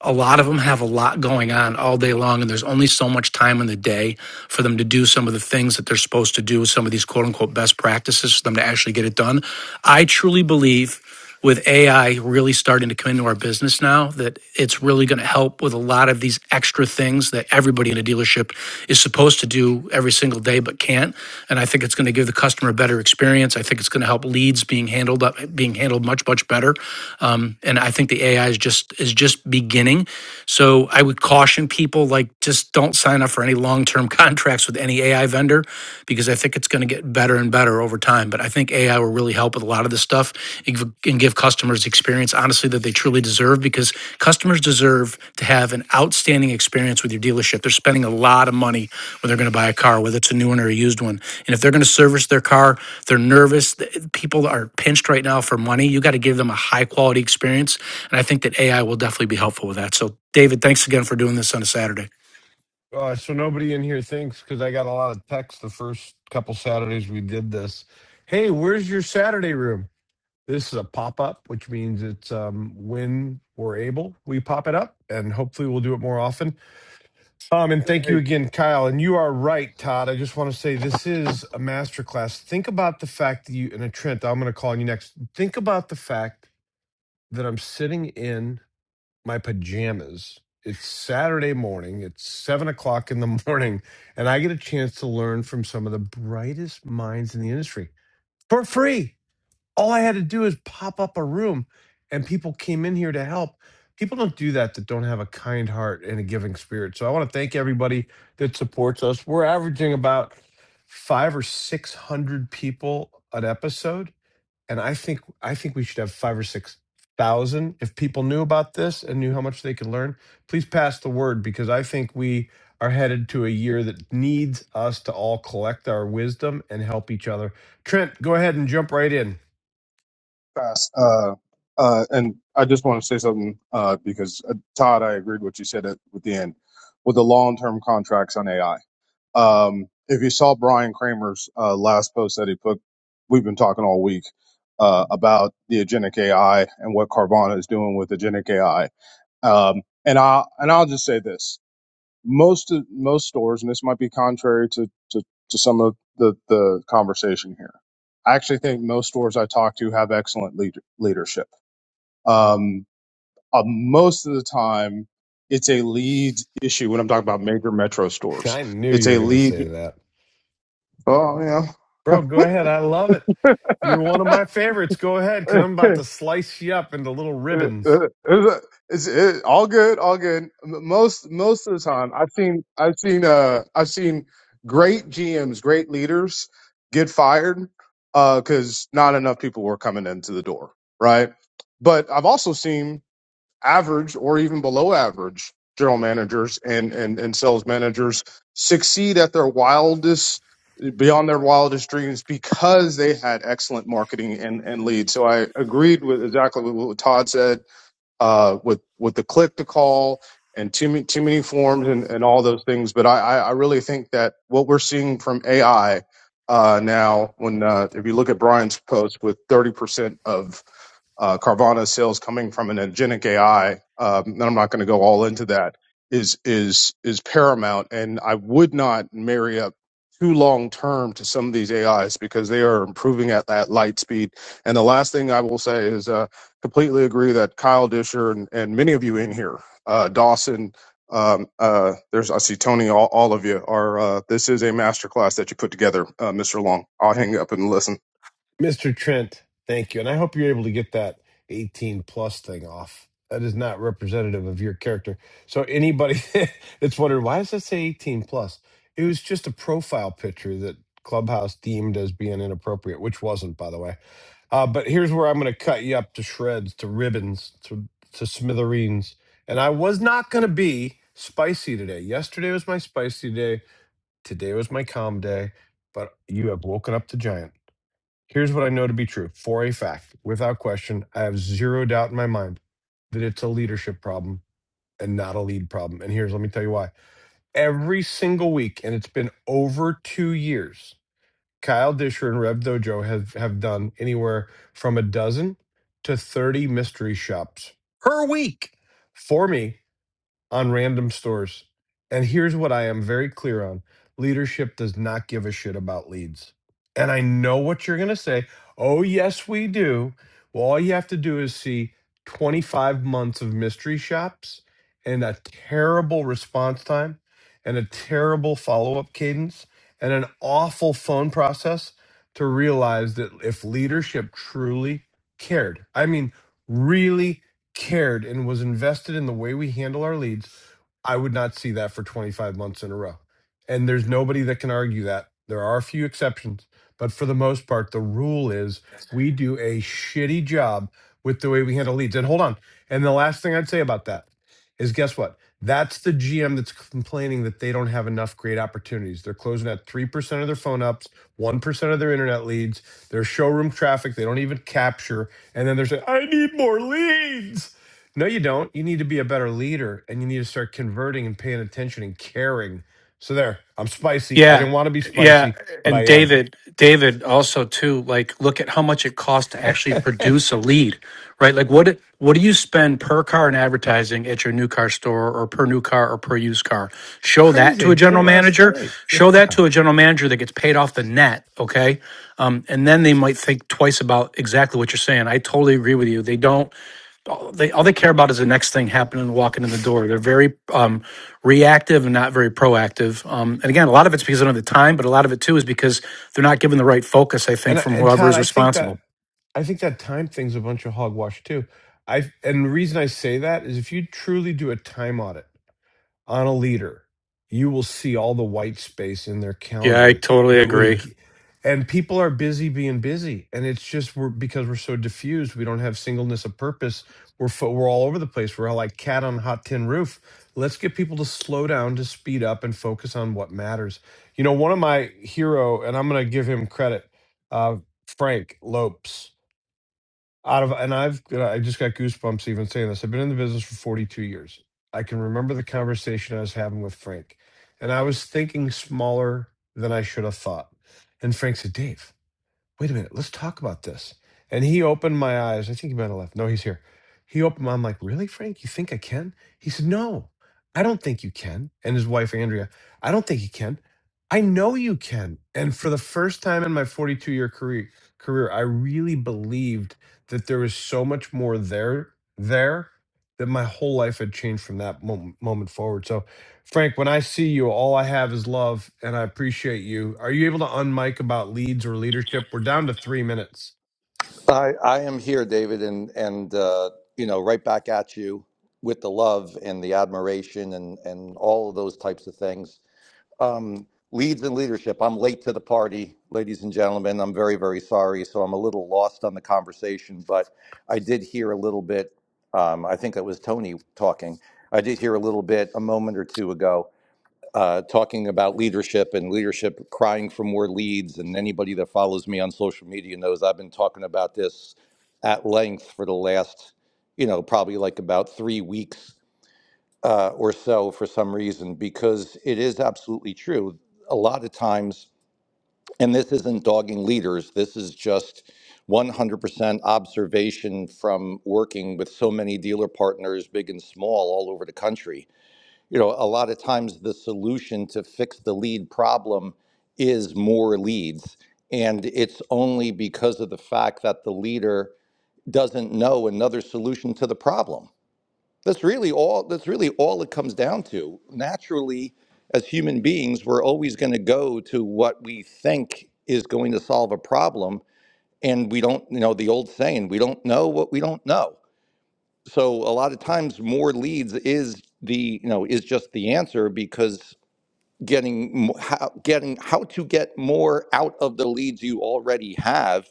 a lot of them have a lot going on all day long, and there's only so much time in the day for them to do some of the things that they're supposed to do, some of these quote unquote best practices for them to actually get it done. I truly believe with AI really starting to come into our business now that it's really going to help with a lot of these extra things that everybody in a dealership is supposed to do every single day, but today but can't. And I think it's going to give the customer a better experience. I think it's going to help leads being handled up, being handled much much better. Um, and I think the AI is just is just beginning. So I would caution people like just don't sign up for any long term contracts with any AI vendor because I think it's going to get better and better over time. But I think AI will really help with a lot of this stuff and give customers the experience honestly that they truly deserve because customers deserve to have an outstanding experience with your dealership they're spending a lot of money when they're going to buy a car whether it's a new one or a used one and if they're going to service their car they're nervous th- people are pinched right now for money you got to give them a high quality experience and i think that ai will definitely be helpful with that so david thanks again for doing this on a saturday
Uh, so nobody in here thinks because I got a lot of texts the first couple Saturdays we did this. Hey, where's your Saturday room? This is a pop up, which means it's um, when we're able, we pop it up, and hopefully we'll do it more often. Um, and thank you
Hey,
again, Kyle. And you are right, Todd. I just want to say this is a masterclass. Think about the fact that you and uh, Trent. I'm going to call on you next. Think about the fact that I'm sitting in my pajamas. It's Saturday morning. It's seven o'clock in the morning, and I get a chance to learn from some of the brightest minds in the industry for free. All I had to do is pop up a room, and people came in here to help. People don't do that that don't have a kind heart and a giving spirit. So I want to thank everybody that supports us. We're averaging about five or six hundred people an episode and I think I think we should have five or six thousand. If people knew about this and knew how much they could learn, please pass the word because I think we are headed to a year that needs us to all collect our wisdom and help each other. Trent, go ahead and jump right in.
fast. Uh, uh, and I just want to say something uh, because uh, Todd, I agreed what you said at with the end with the long-term contracts on AI. Um, if you saw Brian Kramer's uh, last post that he put, we've been talking all week uh, about the agentic AI and what Carvana is doing with agentic AI. Um, and I and I'll just say this. most of most stores, and this might be contrary to to, to some of the the conversation here. I actually think most stores I talk to have excellent lead, leadership. Um, uh, most of the time, it's a lead issue when I'm talking about major metro stores.
I knew
It's
you were
a
going to
lead.
say that,
Oh
bro. Go ahead. I love it. You're one of
yeah.
my favorites. Go ahead, because I'm about to slice you up into little
Uh,
ribbons.
uh, uh, it's it, all good, all good. M- Most most of the time, I've seen I've seen uh I've seen great GMs, great leaders get fired uh because not enough people were coming into the door, right? But I've also seen average or even below average general managers and and and sales managers succeed at their wildest beyond their wildest dreams because they had excellent marketing and and leads. So I agreed with exactly what Todd said uh, with with the click to call and too many too many forms and, and all those things. But I, I really think that what we're seeing from AI uh, now, when uh, if you look at Brian's post with thirty percent of uh, Carvana sales coming from an agentic AI, um, and I'm not going to go all into that, is is is paramount. And I would not marry up too long term to some of these AIs because they are improving at that light speed. And the last thing I will say is. uh, completely agree that Kyle Disher and, and many of you in here, uh, Dawson, um, uh, there's I see Tony, all, all of you are. Uh, this is a masterclass that you put together, uh, Mr. Long. I'll hang up and listen.
Mr. Trent, thank you. And I hope you're able to get that 18 plus thing off. That is not representative of your character. So anybody that's wondering why does that say 18 plus? It was just a profile picture that Clubhouse deemed as being inappropriate, which wasn't, by the way. Uh, but here's where I'm going to cut you up to shreds, to ribbons, to, to smithereens. And I was not going to be spicy today. Yesterday was my spicy day. Today was my calm day. But you have woken up the giant. Here's what I know to be true for a fact. Without question, I have zero doubt in my mind that it's a leadership problem and not a lead problem. And here's, let me tell you why. Every single week, and it's been over two years, Kyle Disher and Rev Dojo have, have done anywhere from a dozen to 30 mystery shops per week for me on random stores. And here's what I am very clear on leadership does not give a shit about leads. And I know what you're going to say. Oh, yes, we do. Well, all you have to do is see 25 months of mystery shops and a terrible response time and a terrible follow up cadence and an awful phone process to realize that if leadership truly cared, I mean, really cared and was invested in the way we handle our leads, I would not see that for 25 months in a row. And there's nobody that can argue that. There are a few exceptions, but for the most part, the rule is we do a shitty job with the way we handle leads. And hold on. And the last thing I'd say about that is guess what? That's the GM that's complaining that they don't have enough great opportunities. They're closing at 3% of their phone ups, 1% of their internet leads, their showroom traffic, they don't even capture. And then they're saying, I need more leads. No, you don't. You need to be a better leader and you need to start converting and paying attention and caring. So there, I'm spicy. I
Yeah,
didn't want to be
yeah,
spicy, but
and
I am.
David, David also too. Like, look at how much it costs to actually produce a lead, right? Like, what what do you spend per car in advertising at your new car store, or per new car, or per used car?
It's
Show that
crazy. I
to a
did it
general
last
manager.
night. Yeah.
Show that to a general manager that gets paid off the net, okay? Um, and then they might think twice about exactly what you're saying. I totally agree with you. They don't all they all they care about is the next thing happening and walking in the door. They're very um, reactive and not very proactive. Um, and again, a lot of it's because they don't have the time, but a lot of it too is because they're not given the right focus. I
And
think from
and
whoever
Todd,
is
I think that
responsible.
I think that time thing's a bunch of hogwash too. I and the reason I say that is if you truly do a time audit. on a leader, you will see all the white space in their
Yeah, I
calendar
totally
that would
agree.
and people are busy being busy and it's just we're because we're so diffused we don't have singleness of purpose we're fo- we're all over the place we're like cat on a hot tin roof let's get people to slow down to speed up and focus on what matters you know one of my hero and i'm going to give him credit uh frank lopes out of and i've i just got goosebumps even saying this i've been in the business for 42 years i can remember the conversation i was having with frank and i was thinking smaller than i should have thought and frank said dave wait a minute, let's talk about this. And he opened my eyes. I think he might have left. No, he's here. He opened my I'm like, really, Frank? You think I can? He said, No, I don't think you can. And his wife, Andrea, I don't think you can. I know you can. And for the first time in my 42 year career career, I really believed that there was so much more there there that my whole life had changed from that moment, moment forward. So Frank, when I see you, all I have is love, and I appreciate you. Are you able to unmic about leads or leadership? We're down to three minutes.
I, I am here, David, and and uh, you know, right back at you with the love and the admiration and and all of those types of things. Um, leads and leadership. I'm late to the party, ladies and gentlemen. I'm very very sorry, so I'm a little lost on the conversation, but I did hear a little bit. Um, I think that was Tony talking. I did hear a little bit a moment or two ago uh, talking about leadership and leadership crying for more leads. And anybody that follows me on social media knows I've been talking about this at length for the last, you know, probably like about three weeks uh, or so for some reason, because it is absolutely true. A lot of times, and this isn't dogging leaders, this is just 100% observation from working with so many dealer partners, big and small, all over the country you know, a lot of times the solution to fix the lead problem is more leads. And it's only because of the fact that the leader doesn't know another solution to the problem. That's really all that's really all it comes down to. Naturally, as human beings, we're always going to go to what we think is going to solve a problem. And we don't, you know, the old saying, we don't know what we don't know so a lot of times more leads is the you know is just the answer because getting mo- how, getting how to get more out of the leads you already have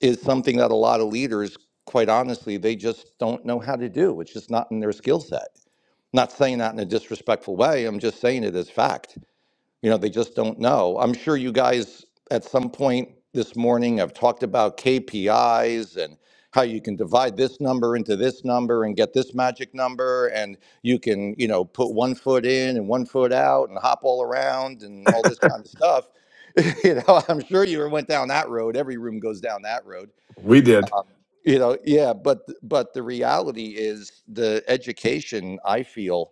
is something that a lot of leaders quite honestly they just don't know how to do it's just not in their skill set not saying that in a disrespectful way i'm just saying it as fact you know, they just don't know. I'm sure you guys at some point this morning have talked about KPIs and how you can divide this number into this number and get this magic number and you can, you know, put one foot in and one foot out and hop all around and all this kind of stuff. you know, I'm sure you went down that road. Every room goes down that road.
We did.
You know, yeah, but th- but the reality is the education I feel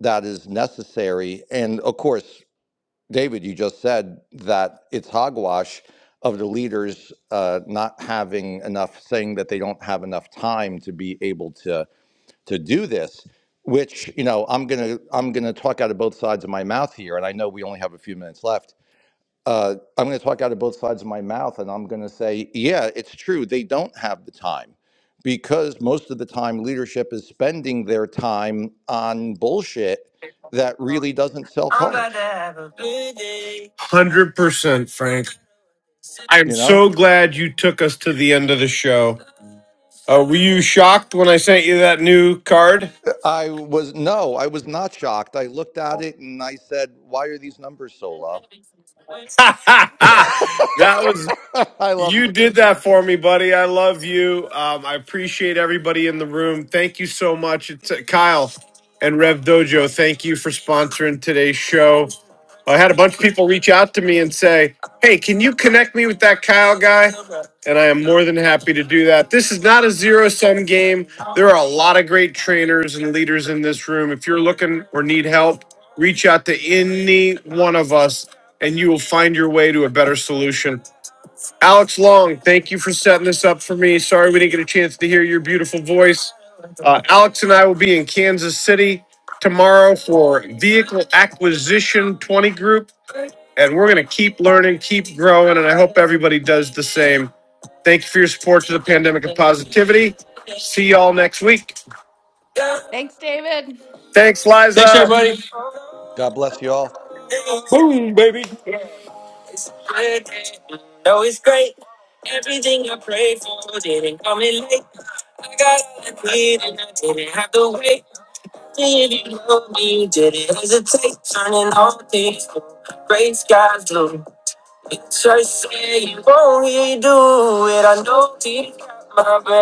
that is necessary and of course David, you just said that it's hogwash of the leaders uh, not having enough, saying that they don't have enough time to be able to to do this. Which you know, I'm gonna I'm gonna talk out of both sides of my mouth here, and I know we only have a few minutes left. Uh, I'm gonna talk out of both sides of my mouth, and I'm gonna say, yeah, it's true. They don't have the time because most of the time leadership is spending their time on bullshit that really doesn't sell
I'm about to
cars.
have a good day. 100%, Frank. I am
You know,
so glad you took us to the end of the show. Uh, were you shocked when I sent you that new card?
I was no, I was not shocked. I looked at it and I said, "Why are these numbers so low?"
that was
I love
You
you,
did
David.
that for me, buddy. I love you. Um, I appreciate everybody in the room. Thank you so much. It's uh, Kyle and Rev Dojo. Thank you for sponsoring today's show. I had a bunch of people reach out to me and say, "Hey, can you connect me with that Kyle guy?" And I am more than happy to do that. This is not a zero-sum game. There are a lot of great trainers and leaders in this room. If you're looking or need help, reach out to any one of us and you will find your way to a better solution. Alex Long, thank you for setting this up for me. Sorry we didn't get a chance to hear your beautiful voice. Uh, Alex and I will be in Kansas City tomorrow for Vehicle Acquisition 20 Group, and we're going to keep learning, keep growing, and I hope everybody does the same. Thank you for your support to the Pandemic of Positivity. See y'all next week.
Thanks, David.
Thanks,
Thanks,
Liza.
everybody.
God bless you all.
Boom, baby.
It's good. No, it's great. Everything I pray for didn't come in late. I got all I need and I didn't have to wait. Did you know me? You didn't hesitate. Turning all things blue. Gray skies blue. It's just said you won't redo it. I know deep down my bad.